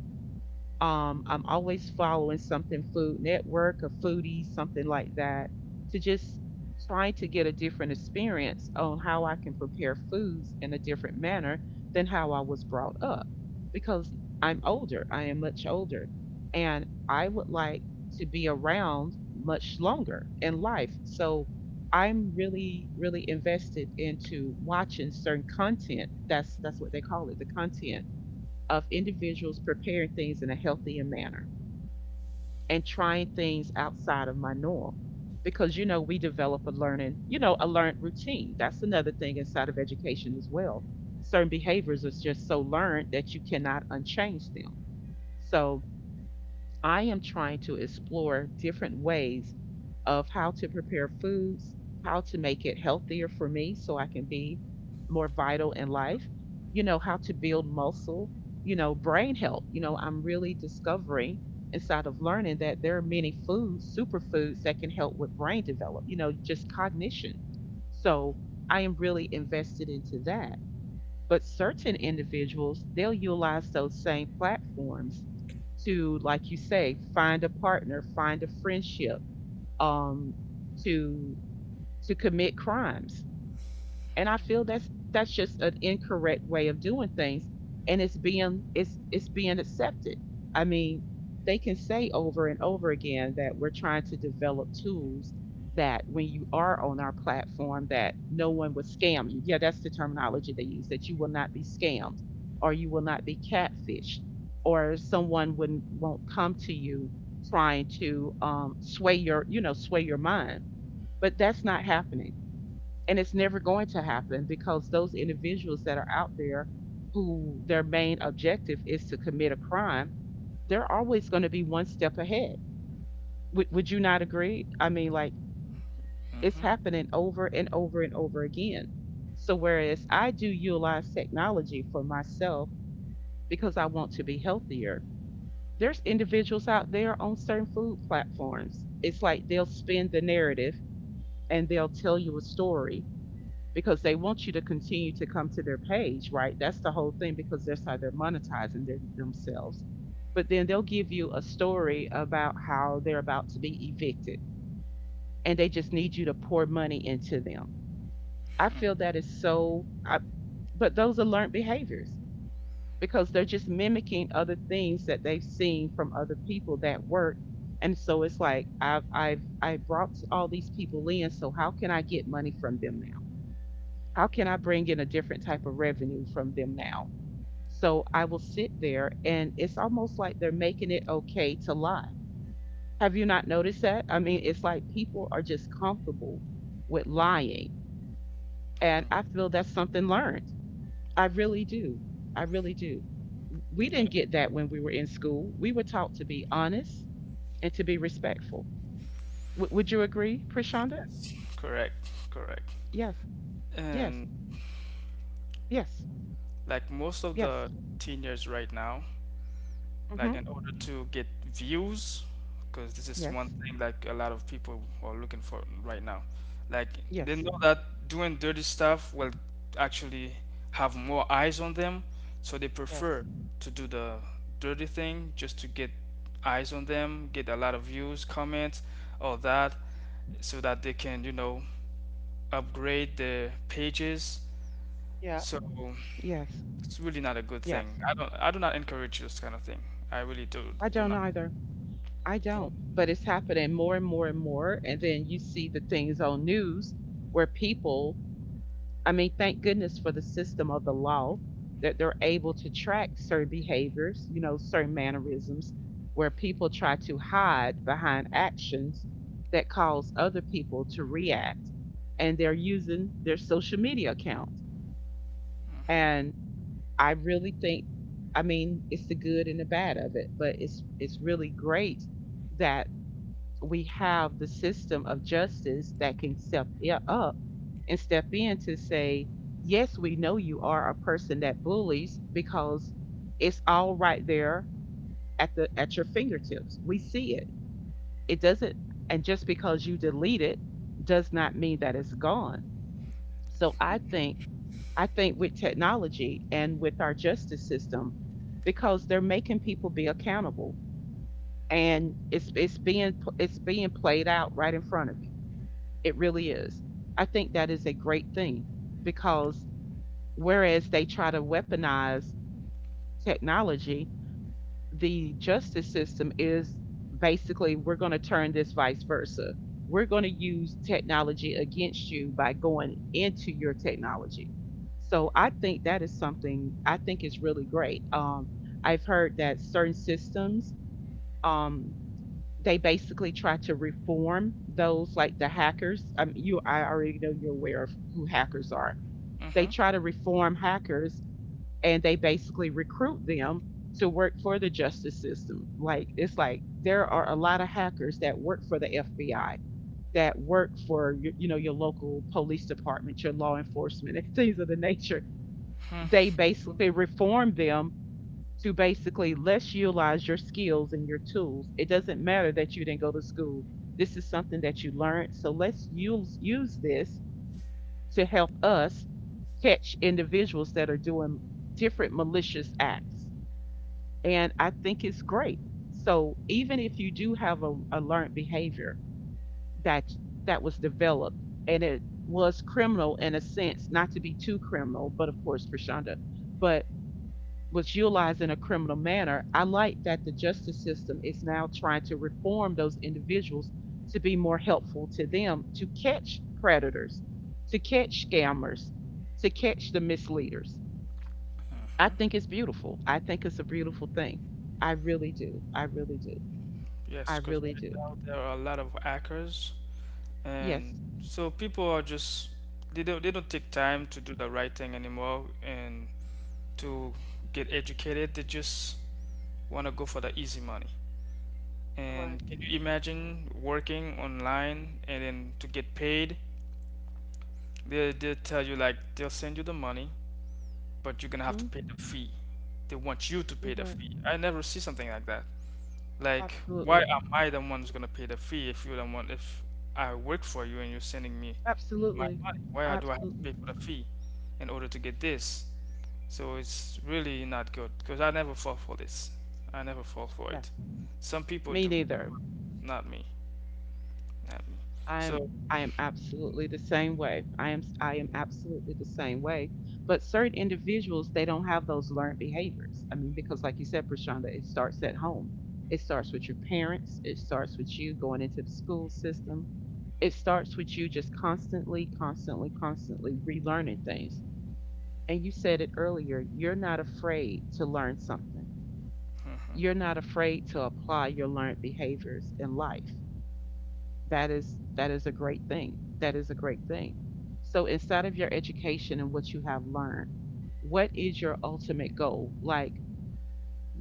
Speaker 1: Um, I'm always following something — Food Network or Foodies, something like that — to just try to get a different experience on how I can prepare foods in a different manner than how I was brought up. Because I'm older, I am much older, and I would like to be around much longer in life. So I'm really, really invested into watching certain content. That's that's what they call it, the content, of individuals preparing things in a healthier manner and trying things outside of my norm. Because you know, we develop a learning, you know, a learned routine. That's another thing inside of education as well. Certain behaviors are just so learned that you cannot unchange them. So I am trying to explore different ways of how to prepare foods, how to make it healthier for me, so I can be more vital in life, you know, how to build muscle, you know, brain health. You know, I'm really discovering inside of learning that there are many foods, superfoods, that can help with brain development, you know, just cognition. So I am really invested into that. But certain individuals, they'll utilize those same platforms to, like you say, find a partner, find a friendship, um, to to commit crimes. And I feel that's that's just an incorrect way of doing things, and it's being — it's it's being accepted. I mean, they can say over and over again that we're trying to develop tools that when you are on our platform, that no one will scam you. Yeah, that's the terminology they use, that you will not be scammed, or you will not be catfished, or someone wouldn't won't come to you, trying to um, sway your, you know, sway your mind. But that's not happening, and it's never going to happen, because those individuals that are out there, who their main objective is to commit a crime, they're always going to be one step ahead. Would would you not agree? I mean, like, it's
Speaker 2: Hmm.
Speaker 1: happening over and over and over again. So whereas I do utilize technology for myself, because I want to be healthier, there's individuals out there on certain food platforms. It's like, they'll spin the narrative and they'll tell you a story, because they want you to continue to come to their page, right? That's the whole thing, because that's how they're monetizing their, themselves. But then they'll give you a story about how they're about to be evicted, and they just need you to pour money into them. I feel that is so — I, but those are learned behaviors, because they're just mimicking other things that they've seen from other people that work. And so it's like, I've I've I brought all these people in, so how can I get money from them now? How can I bring in a different type of revenue from them now? So I will sit there, and it's almost like they're making it okay to lie. Have you not noticed that? I mean, it's like people are just comfortable with lying. And I feel that's something learned. I really do. I really do. We didn't get that when we were in school. We were taught to be honest and to be respectful. W- would you agree, Prashanda?
Speaker 2: Yes, correct, correct.
Speaker 1: Yes, yes,
Speaker 2: And
Speaker 1: yes,
Speaker 2: like most of
Speaker 1: yes.
Speaker 2: the teenagers right now,
Speaker 1: Mm-hmm.
Speaker 2: like in order to get views, because this is one
Speaker 1: Yes,
Speaker 2: thing like a lot of people are looking for right now. Like they
Speaker 1: yes,
Speaker 2: know that doing dirty stuff will actually have more eyes on them, so they
Speaker 1: yeah.
Speaker 2: prefer to do the dirty thing just to get eyes on them, get a lot of views, comments, all that, so that they can, you know, upgrade their pages.
Speaker 1: Yeah.
Speaker 2: So
Speaker 1: Yes,
Speaker 2: it's really not a good
Speaker 1: yes.
Speaker 2: thing. I don't. I do not encourage this kind of thing. I really do
Speaker 1: I
Speaker 2: do
Speaker 1: don't
Speaker 2: not.
Speaker 1: either. I don't. But it's happening more and more and more. And then you see the things on news where people — I mean, thank goodness for the system of the law, that they're able to track certain behaviors, you know, certain mannerisms, where people try to hide behind actions that cause other people to react. And they're using their social media accounts.
Speaker 2: Hmm.
Speaker 1: And I really think, I mean, it's the good and the bad of it, but it's — it's really great that we have the system of justice that can step i- up and step in to say, yes, we know you are a person that bullies, because it's all right there at the — at your fingertips. We see it. It doesn't — and just because you delete it does not mean that it's gone. So I think — I think with technology and with our justice system, because they're making people be accountable, and it's — it's being it's being played out right in front of you. It really is. I think that is a great thing, because whereas they try to weaponize technology, the justice system is basically, we're going to turn this vice versa. We're going to use technology against you by going into your technology. So I think that is something I think is really great. Um, I've heard that certain systems, um, they basically try to reform those, like the hackers. Um, you — I already know you're aware of who hackers are. They
Speaker 2: Hmm.
Speaker 1: try to reform hackers, and they basically recruit them to work for the justice system. Like it's like there are a lot of hackers that work for the F B I, that work for your, you know your local police department, your law enforcement, and things of the nature. They basically reform them to basically let's utilize your skills and your tools. It doesn't matter that you didn't go to school. This is something that you learned. So let's use use this to help us catch individuals that are doing different malicious acts. And I think it's great. So even if you do have a, a learned behavior that that was developed and it was criminal in a sense, not to be too criminal, but of course, Prashanda, but was utilized in a criminal manner, I like that the justice system is now trying to reform those individuals to be more helpful to them to catch predators, to catch scammers, to catch the misleaders. I think
Speaker 2: Hmm.
Speaker 1: it's beautiful. I think it's a beautiful thing. I really do. I really do. I
Speaker 2: Yes, because
Speaker 1: really
Speaker 2: right
Speaker 1: do.
Speaker 2: now there are a lot of hackers, and
Speaker 1: Yes.
Speaker 2: so people are just, they don't, they don't take time to do the right thing anymore, and to get educated. They just want to go for the easy money.
Speaker 1: You're right.
Speaker 2: And can you imagine working online and then to get paid? They, they'll tell you like they'll send you the money, but you're gonna have to
Speaker 1: Hmm.
Speaker 2: pay the fee. They want you to
Speaker 1: You're
Speaker 2: pay the
Speaker 1: right.
Speaker 2: fee. I never see something like that. Like, why
Speaker 1: Absolutely.
Speaker 2: am I the one who's gonna pay the fee if you're the one, if I work for you and you're sending me my
Speaker 1: Absolutely.
Speaker 2: money? Why do
Speaker 1: Abs-
Speaker 2: I have to pay for the fee in order to get this? So it's really not good because I never fall for this. I never fall for it.
Speaker 1: yes.
Speaker 2: Some people
Speaker 1: Me
Speaker 2: do,
Speaker 1: neither.
Speaker 2: not me, not me.
Speaker 1: I'm
Speaker 2: So,
Speaker 1: I am absolutely the same way. I am I am absolutely the same way. But certain individuals, they don't have those learned behaviors. I mean, because like you said, Prashanda, it starts at home. It starts with your parents. It starts with you going into the school system. It starts with you just constantly, constantly, constantly relearning things. And you said it earlier, you're not afraid to learn something.
Speaker 2: mhm,
Speaker 1: You're not afraid to apply your learned behaviors in life. That is that is a great thing. That is a great thing. So inside of your education and what you have learned, what is your ultimate goal? Like,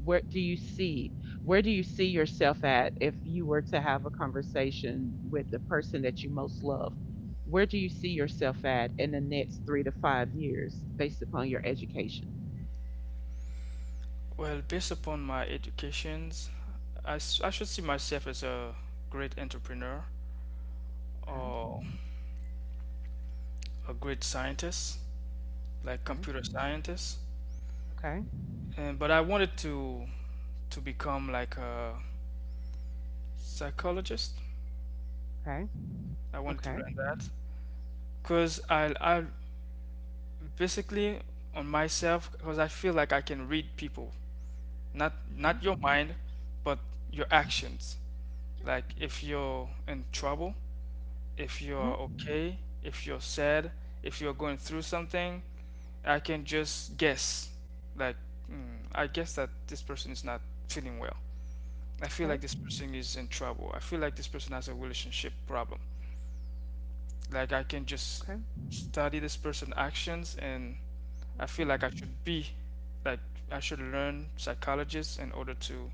Speaker 1: where do you see where do you see yourself at if you were to have a conversation with the person that you most love? Where do you see yourself at in the next three to five years upon your education?
Speaker 2: well, based upon my educations, I I should see myself as a great entrepreneur,
Speaker 1: Okay.
Speaker 2: or a great scientist, like
Speaker 1: Okay.
Speaker 2: computer scientist,
Speaker 1: Okay.
Speaker 2: and but I wanted to to become like a psychologist. I wanted
Speaker 1: Okay.
Speaker 2: to
Speaker 1: Okay.
Speaker 2: learn that because I I basically on myself, because I feel like I can read people, not not
Speaker 1: Okay.
Speaker 2: your mind, but your actions. Like if you're in trouble, if
Speaker 1: Mhm.
Speaker 2: you're okay, if you're sad, if you're going through something, I can just guess. Like mm, I guess that this person is not feeling well. I feel
Speaker 1: Okay.
Speaker 2: like this person is in trouble. I feel like this person has a relationship problem. Like I can just
Speaker 1: Okay.
Speaker 2: study this person's actions, and I feel
Speaker 1: Wow.
Speaker 2: like I should be like I should learn psychologist in order to,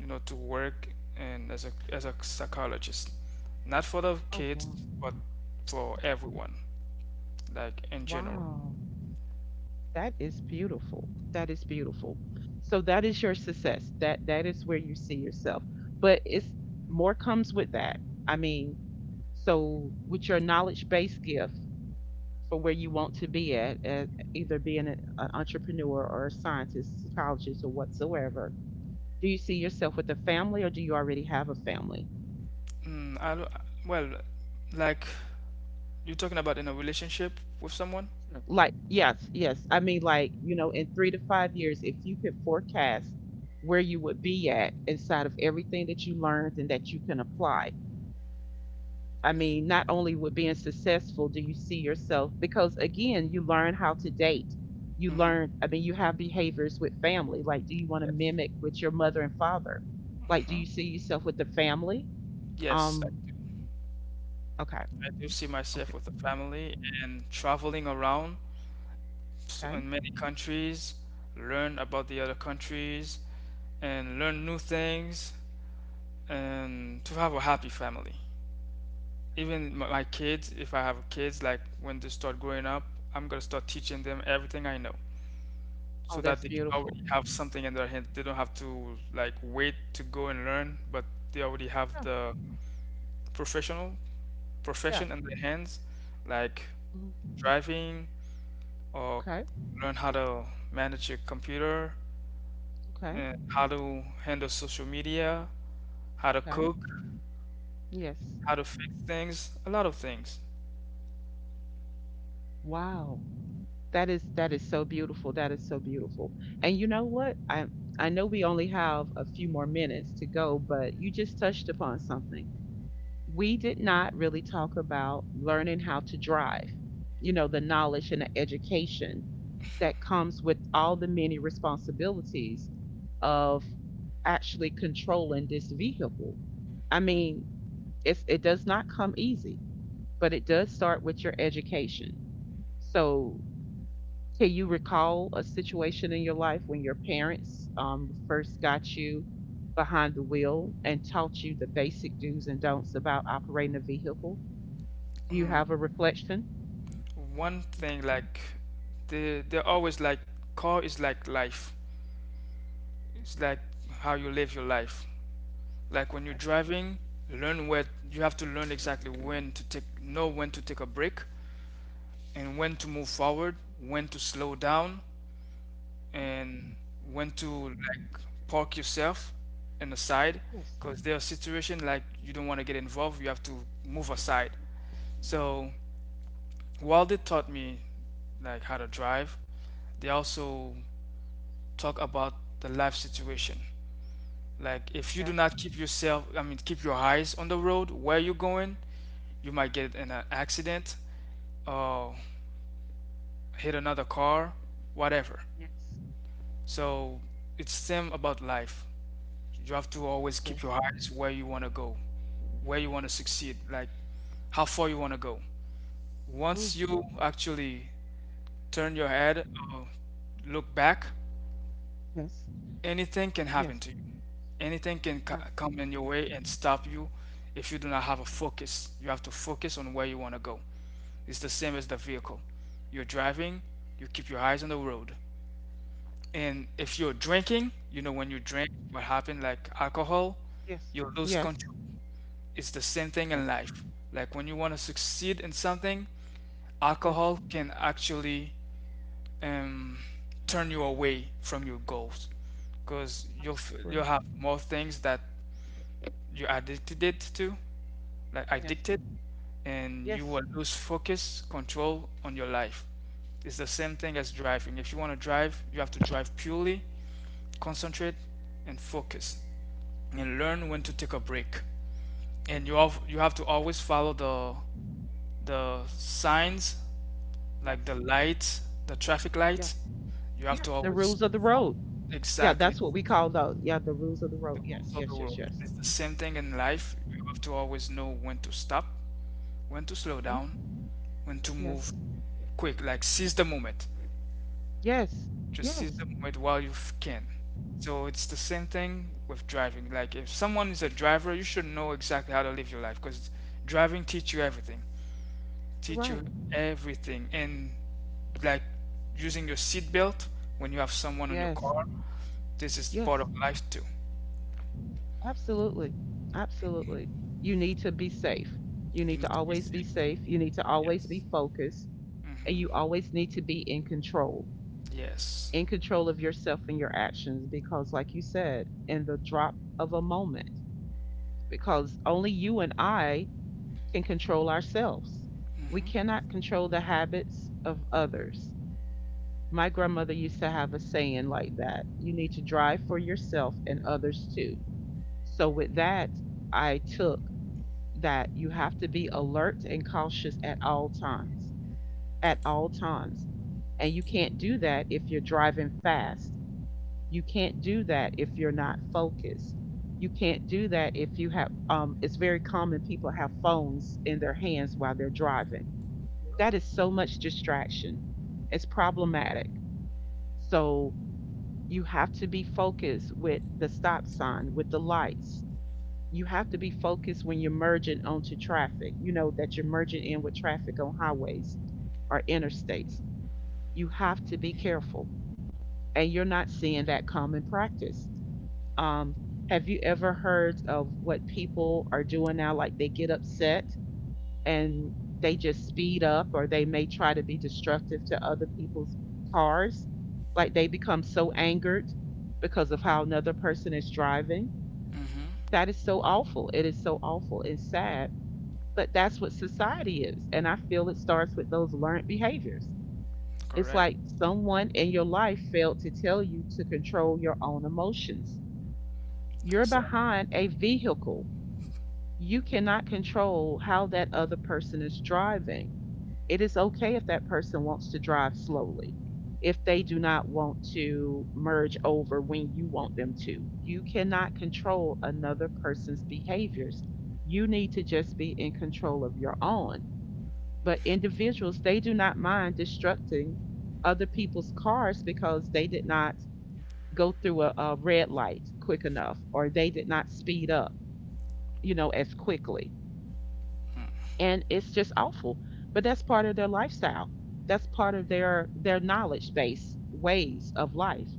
Speaker 2: you know, to work and as a as a psychologist. Not for the
Speaker 1: Oh
Speaker 2: kids,
Speaker 1: wow.
Speaker 2: but for everyone, like in general.
Speaker 1: Wow. That is beautiful. That is beautiful. So that is your success. That that is where you see yourself. But it's more comes with that. I mean, so with your knowledge based gift for where you want to be at, at either being an, an entrepreneur or a scientist, psychologist, or whatsoever, do you see yourself with a family, or do you already have a family?
Speaker 2: Mm, I, lo- well, like, you're talking about in a relationship with someone?
Speaker 1: Like, yes, yes. I mean, like, you know, in three to five years, if you could forecast where you would be at inside of everything that you learned and that you can apply. I mean, not only with being successful, do you see yourself, because again, you learn how to date. You
Speaker 2: Hmm.
Speaker 1: learn, I mean, you have behaviors with family. Like, do you want to
Speaker 2: Yes.
Speaker 1: mimic with your mother and father? Like, do you
Speaker 2: Hmm.
Speaker 1: see yourself with the family?
Speaker 2: Yes.
Speaker 1: Um, okay,
Speaker 2: I do see myself
Speaker 1: okay,
Speaker 2: with a family, and traveling around s-
Speaker 1: okay.
Speaker 2: in many countries, learn about the other countries, and learn new things, and to have a happy family. Even my my kids, if I have kids, like when they start growing up, I'm gonna start teaching them everything I know
Speaker 1: Oh,
Speaker 2: so that
Speaker 1: that's
Speaker 2: they can
Speaker 1: beautiful.
Speaker 2: already have something in their hand. They don't have to like wait to go and learn, but they already have
Speaker 1: Yeah,
Speaker 2: the professional
Speaker 1: yeah.
Speaker 2: profession in their hands, like
Speaker 1: Mhm.
Speaker 2: driving, or
Speaker 1: Okay,
Speaker 2: learn how to manage your computer,
Speaker 1: okay,
Speaker 2: and how to handle social media, how to
Speaker 1: okay.
Speaker 2: cook,
Speaker 1: Yes.
Speaker 2: how to fix things, a lot of things.
Speaker 1: Wow. That is that is so beautiful. That is so beautiful. And you know what? I I know we only have a few more minutes to go, but you just touched upon something. We did not really talk about learning how to drive. You know, the knowledge and the education that comes with all the many responsibilities of actually controlling this vehicle. I mean, it's it does not come easy, but it does start with your education. So can you recall a situation in your life when your parents um, first got you behind the wheel and taught you the basic do's and don'ts about operating a vehicle? Do you have a
Speaker 2: Mm,
Speaker 1: reflection?
Speaker 2: one thing like they they're always like, car is like life. It's like how you live your life. Like when you're driving, learn where you have to learn exactly when to take know when to take a break, and when to move forward, when to slow down, and when to like park yourself in the side because there are situations like you don't want to get involved, you have to move aside. So while they taught me like how to drive, they also talk about the life situation. Like if you do not keep yourself, i mean keep your eyes on the road where you're going, you might get in an accident or hit another car, whatever. So it's them about life. You have to always keep your eyes where you want to go, where you want to succeed, like how far you want to go. Once
Speaker 1: Oh,
Speaker 2: you actually turn your head or look back,
Speaker 1: yes,
Speaker 2: anything can happen
Speaker 1: yes,
Speaker 2: to you. Anything can co- come in your
Speaker 1: absolutely.
Speaker 2: way and stop you if you do not have a focus. You have to focus on where you want to go. It's the same as the vehicle. You're driving, you keep your eyes on the road. And if you're drinking, you know when you drink, what happened, like alcohol,
Speaker 1: Yes,
Speaker 2: you lose
Speaker 1: yes,
Speaker 2: control. It's the same thing in
Speaker 1: yes,
Speaker 2: life. Like when you want to succeed in something,
Speaker 1: yes,
Speaker 2: alcohol can actually um, turn you away from your goals because you'll f-
Speaker 1: absolutely.
Speaker 2: you'll have more things that you're addicted to, like
Speaker 1: Yes,
Speaker 2: addicted, and you
Speaker 1: yes,
Speaker 2: will lose focus, control on your life. It's the same thing as driving. If you want to drive, you have to drive purely, concentrate, and focus, and learn when to take a break. And you have you have to always follow the the signs, like the
Speaker 1: yes,
Speaker 2: lights, the traffic
Speaker 1: yeah,
Speaker 2: lights, you have
Speaker 1: yeah.
Speaker 2: to
Speaker 1: The
Speaker 2: always
Speaker 1: rules of the
Speaker 2: follow
Speaker 1: road. Yeah,
Speaker 2: exactly
Speaker 1: that's what we call those. Yeah, the rules of the road.
Speaker 2: the
Speaker 1: Yes,
Speaker 2: rules of the
Speaker 1: yes, yes,
Speaker 2: road.
Speaker 1: yes.
Speaker 2: It's the same thing in life. You have to always know when to stop, when to slow
Speaker 1: Hmm.
Speaker 2: down, when to move
Speaker 1: Yes,
Speaker 2: quick. Like seize the moment.
Speaker 1: yes,
Speaker 2: Just seize
Speaker 1: yes.
Speaker 2: the moment while you f- can. So it's the same thing with driving. Like if someone is a driver, you should know exactly how to live your life because driving teach you everything.
Speaker 1: You're
Speaker 2: Teach
Speaker 1: right.
Speaker 2: you everything and like using your seatbelt when you have someone on your
Speaker 1: Yes,
Speaker 2: car. This is part
Speaker 1: yes,
Speaker 2: of life too.
Speaker 1: absolutely. Absolutely. You need to be safe. You
Speaker 2: You
Speaker 1: need to
Speaker 2: need to be
Speaker 1: always be
Speaker 2: safe.
Speaker 1: safe. You need to
Speaker 2: Yes.
Speaker 1: always be focused. And
Speaker 2: Mm-hmm.
Speaker 1: you always need to be in control,
Speaker 2: Yes.
Speaker 1: in control of yourself and your actions. Because, like you said, in the drop of a moment, because only you and I can control ourselves. We
Speaker 2: Hmm.
Speaker 1: cannot control the habits of others. My grandmother used to have a saying like that you need to drive for yourself and others too. So, with that, I took that you have to be alert and cautious at all time at all times and you can't do that if you're driving fast. You can't do that if you're not focused. You can't do that if you have um, it's very common people have phones in their hands while they're driving. That is so much distraction. It's problematic. So you have to be focused with the stop sign, with the lights. You have to be focused when you're merging onto traffic, you know, that you're merging in with traffic on highways or interstates. You have to be careful. And you're not seeing that common practice. Um, have you ever heard of what people are doing now? Like they get upset and they just speed up, or they may try to be destructive to other people's cars. Like they become so angered because of how another person is driving.
Speaker 2: Hmm.
Speaker 1: That is so awful. It is so awful and sad, but that's what society is. And I feel it starts with those learned behaviors. It's
Speaker 2: Correct.
Speaker 1: like someone in your life failed to tell you to control your own emotions. You're
Speaker 2: Exactly.
Speaker 1: behind a vehicle. You cannot control how that other person is driving. It is okay if that person wants to drive slowly, if they do not want to merge over when you want them to. You cannot control another person's behaviors. You need to just be in control of your own. But individuals, they do not mind destructing other people's cars because they did not go through a, a red light quick enough or they did not speed up, you know, as quickly. And it's just awful. But that's part of their lifestyle. That's part of their their knowledge based ways of life.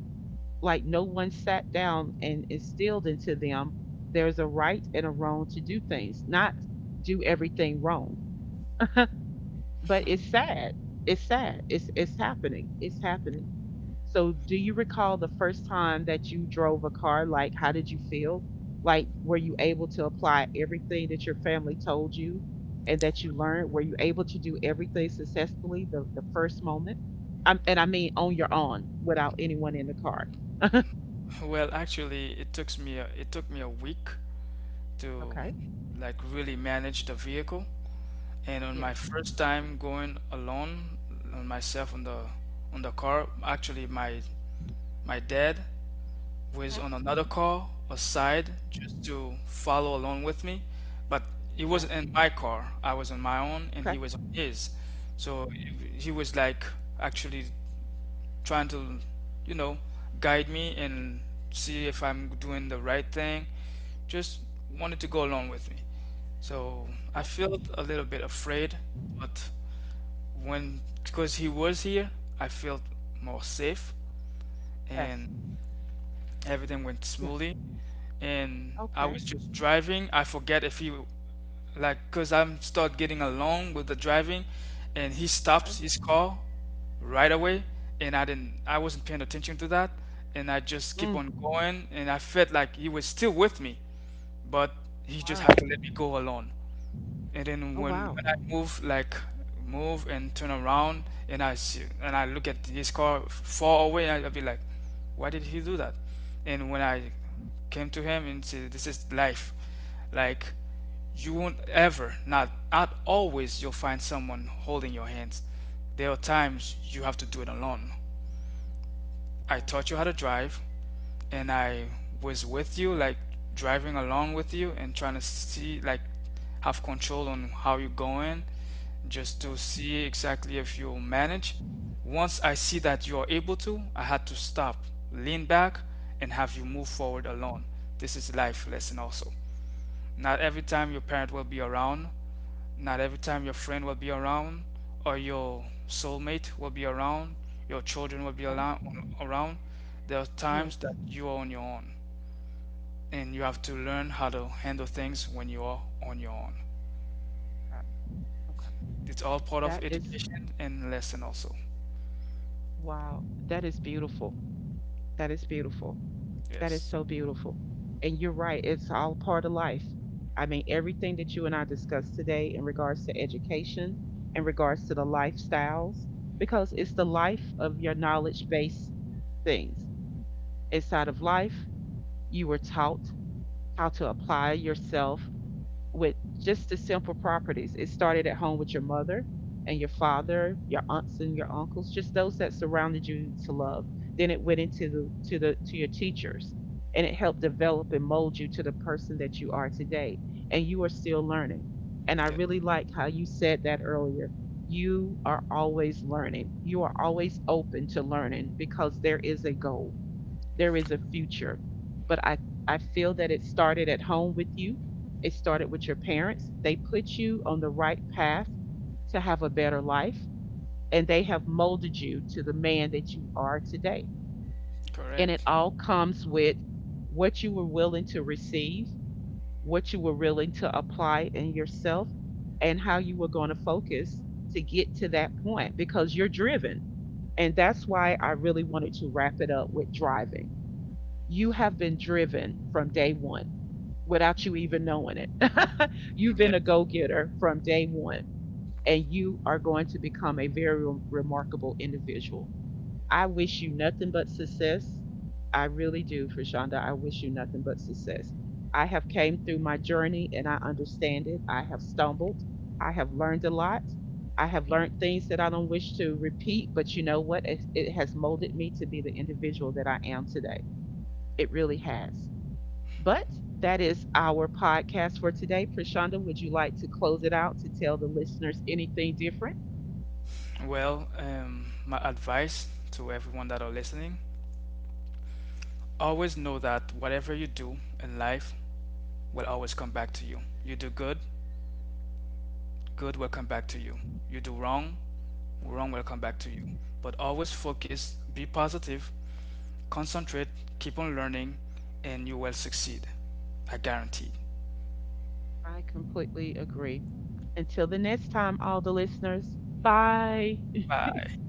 Speaker 1: Like no one sat down and instilled into them there's a right and a wrong to do things, not do everything wrong, but it's sad. It's sad. It's it's happening. It's happening. So do you recall the first time that you drove a car? Like how did you feel? Like were you able to apply everything that your family told you and that you learned? Were you able to do everything successfully the, the first moment? i and I mean on your own without anyone in the car.
Speaker 2: Well, actually, it took me a, it took me a week to
Speaker 1: Okay.
Speaker 2: like really manage the vehicle. And on my
Speaker 1: Yes.
Speaker 2: first time going alone, on myself on the on the car, actually my my dad who is
Speaker 1: Hmm.
Speaker 2: on another call aside just to follow along with me. But he was
Speaker 1: Okay.
Speaker 2: in my car. I was on my own and he
Speaker 1: Okay.
Speaker 2: was on his. So he was like actually trying to, you know, guide me and see if I'm doing the right thing. Just wanted to go along with me. So
Speaker 1: Okay.
Speaker 2: I felt a little bit afraid, but when because he was here, I felt more safe,
Speaker 1: Yes.
Speaker 2: and everything went
Speaker 1: Yes.
Speaker 2: smoothly. And I
Speaker 1: Okay.
Speaker 2: was just driving. I forget if he like because I'm start getting along with the driving, and he
Speaker 1: Okay.
Speaker 2: stops his car right away, and I didn't I wasn't paying attention to that, and I just keep
Speaker 1: Mm,
Speaker 2: on going, and I felt like he was still with me, but he just had to
Speaker 1: wow.
Speaker 2: let me go alone. And then
Speaker 1: Oh
Speaker 2: when
Speaker 1: wow.
Speaker 2: when I move like move and turn around and I see and I look at his car f- far away, I, I'll be like why did he do that. And when I came to him and said this is life, like you won't ever not not always you'll find someone holding your hands, there are times you have to do it alone. I
Speaker 1: Oh,
Speaker 2: taught you how to drive and I was with you, like driving along with you and trying to see, like have control on how you're going, just
Speaker 1: yes.
Speaker 2: to see exactly if you'll manage. Once I see that you're able to, I had to stop, lean back, and have you move forward alone. This is life lesson also. Not every time your parent will be around, not every time your friend will be around, or your soulmate will be around, your children will be
Speaker 1: Okay.
Speaker 2: around. There are
Speaker 1: Yes.
Speaker 2: times that you are on your own and you have to learn how to handle things when you are on your own.
Speaker 1: Okay. Okay.
Speaker 2: It's all part of
Speaker 1: That is
Speaker 2: education and lesson also.
Speaker 1: wow. That is beautiful. That is beautiful. That is
Speaker 2: Yes.
Speaker 1: so beautiful. And you're right. It's all part of life. I mean, everything that you and I discussed today in regards to education, in regards to the lifestyles, because it's the life of your knowledge based things. Inside of life, you were taught how to apply yourself with just the simple properties. It started at home with your mother and your father, your aunts and your uncles, just those that surrounded you to love. Then it went into the to the to your teachers and it helped develop and mold you to the person that you are today. And you are still learning. And I
Speaker 2: Yeah.
Speaker 1: really like how you said that earlier. You are always learning. You are always open to learning because there is a goal. There is a future. But I I feel that it started at home with you, started with your parents. They put you on the right path to have a better life, and they have molded you to the man that you are today. And it
Speaker 2: Correct.
Speaker 1: all comes with what you were willing to receive, what you were willing to apply in yourself, and how you were going to focus to get to that point because you're driven. And that's why I really wanted to wrap it up with driving. You have been driven from day one without you even knowing it. You've
Speaker 2: Yeah.
Speaker 1: been a go getter from day one and you are going to become a very re- remarkable individual. I wish you nothing but success. I really do, Frishonda. I wish you nothing but success. I have came through my journey and I understand it. I have stumbled. I have learned a lot. I have learned things that I don't wish to repeat, but you know what? It, it has molded me to be the individual that I am today. It really has. But that is our podcast for today. Prashanda, would you like to close it out to tell the listeners anything different?
Speaker 2: Well, um, my advice to everyone that are listening, always know that whatever you do in life will always come back to you. You do good, good will come back to
Speaker 1: Yeah,
Speaker 2: you. You do wrong, wrong will come
Speaker 1: yeah,
Speaker 2: back to you. But always focus,
Speaker 1: absolutely.
Speaker 2: be positive, concentrate, keep on learning, and you will succeed. I guarantee.
Speaker 1: I completely agree. Until the next time, all the listeners, bye.
Speaker 2: Bye.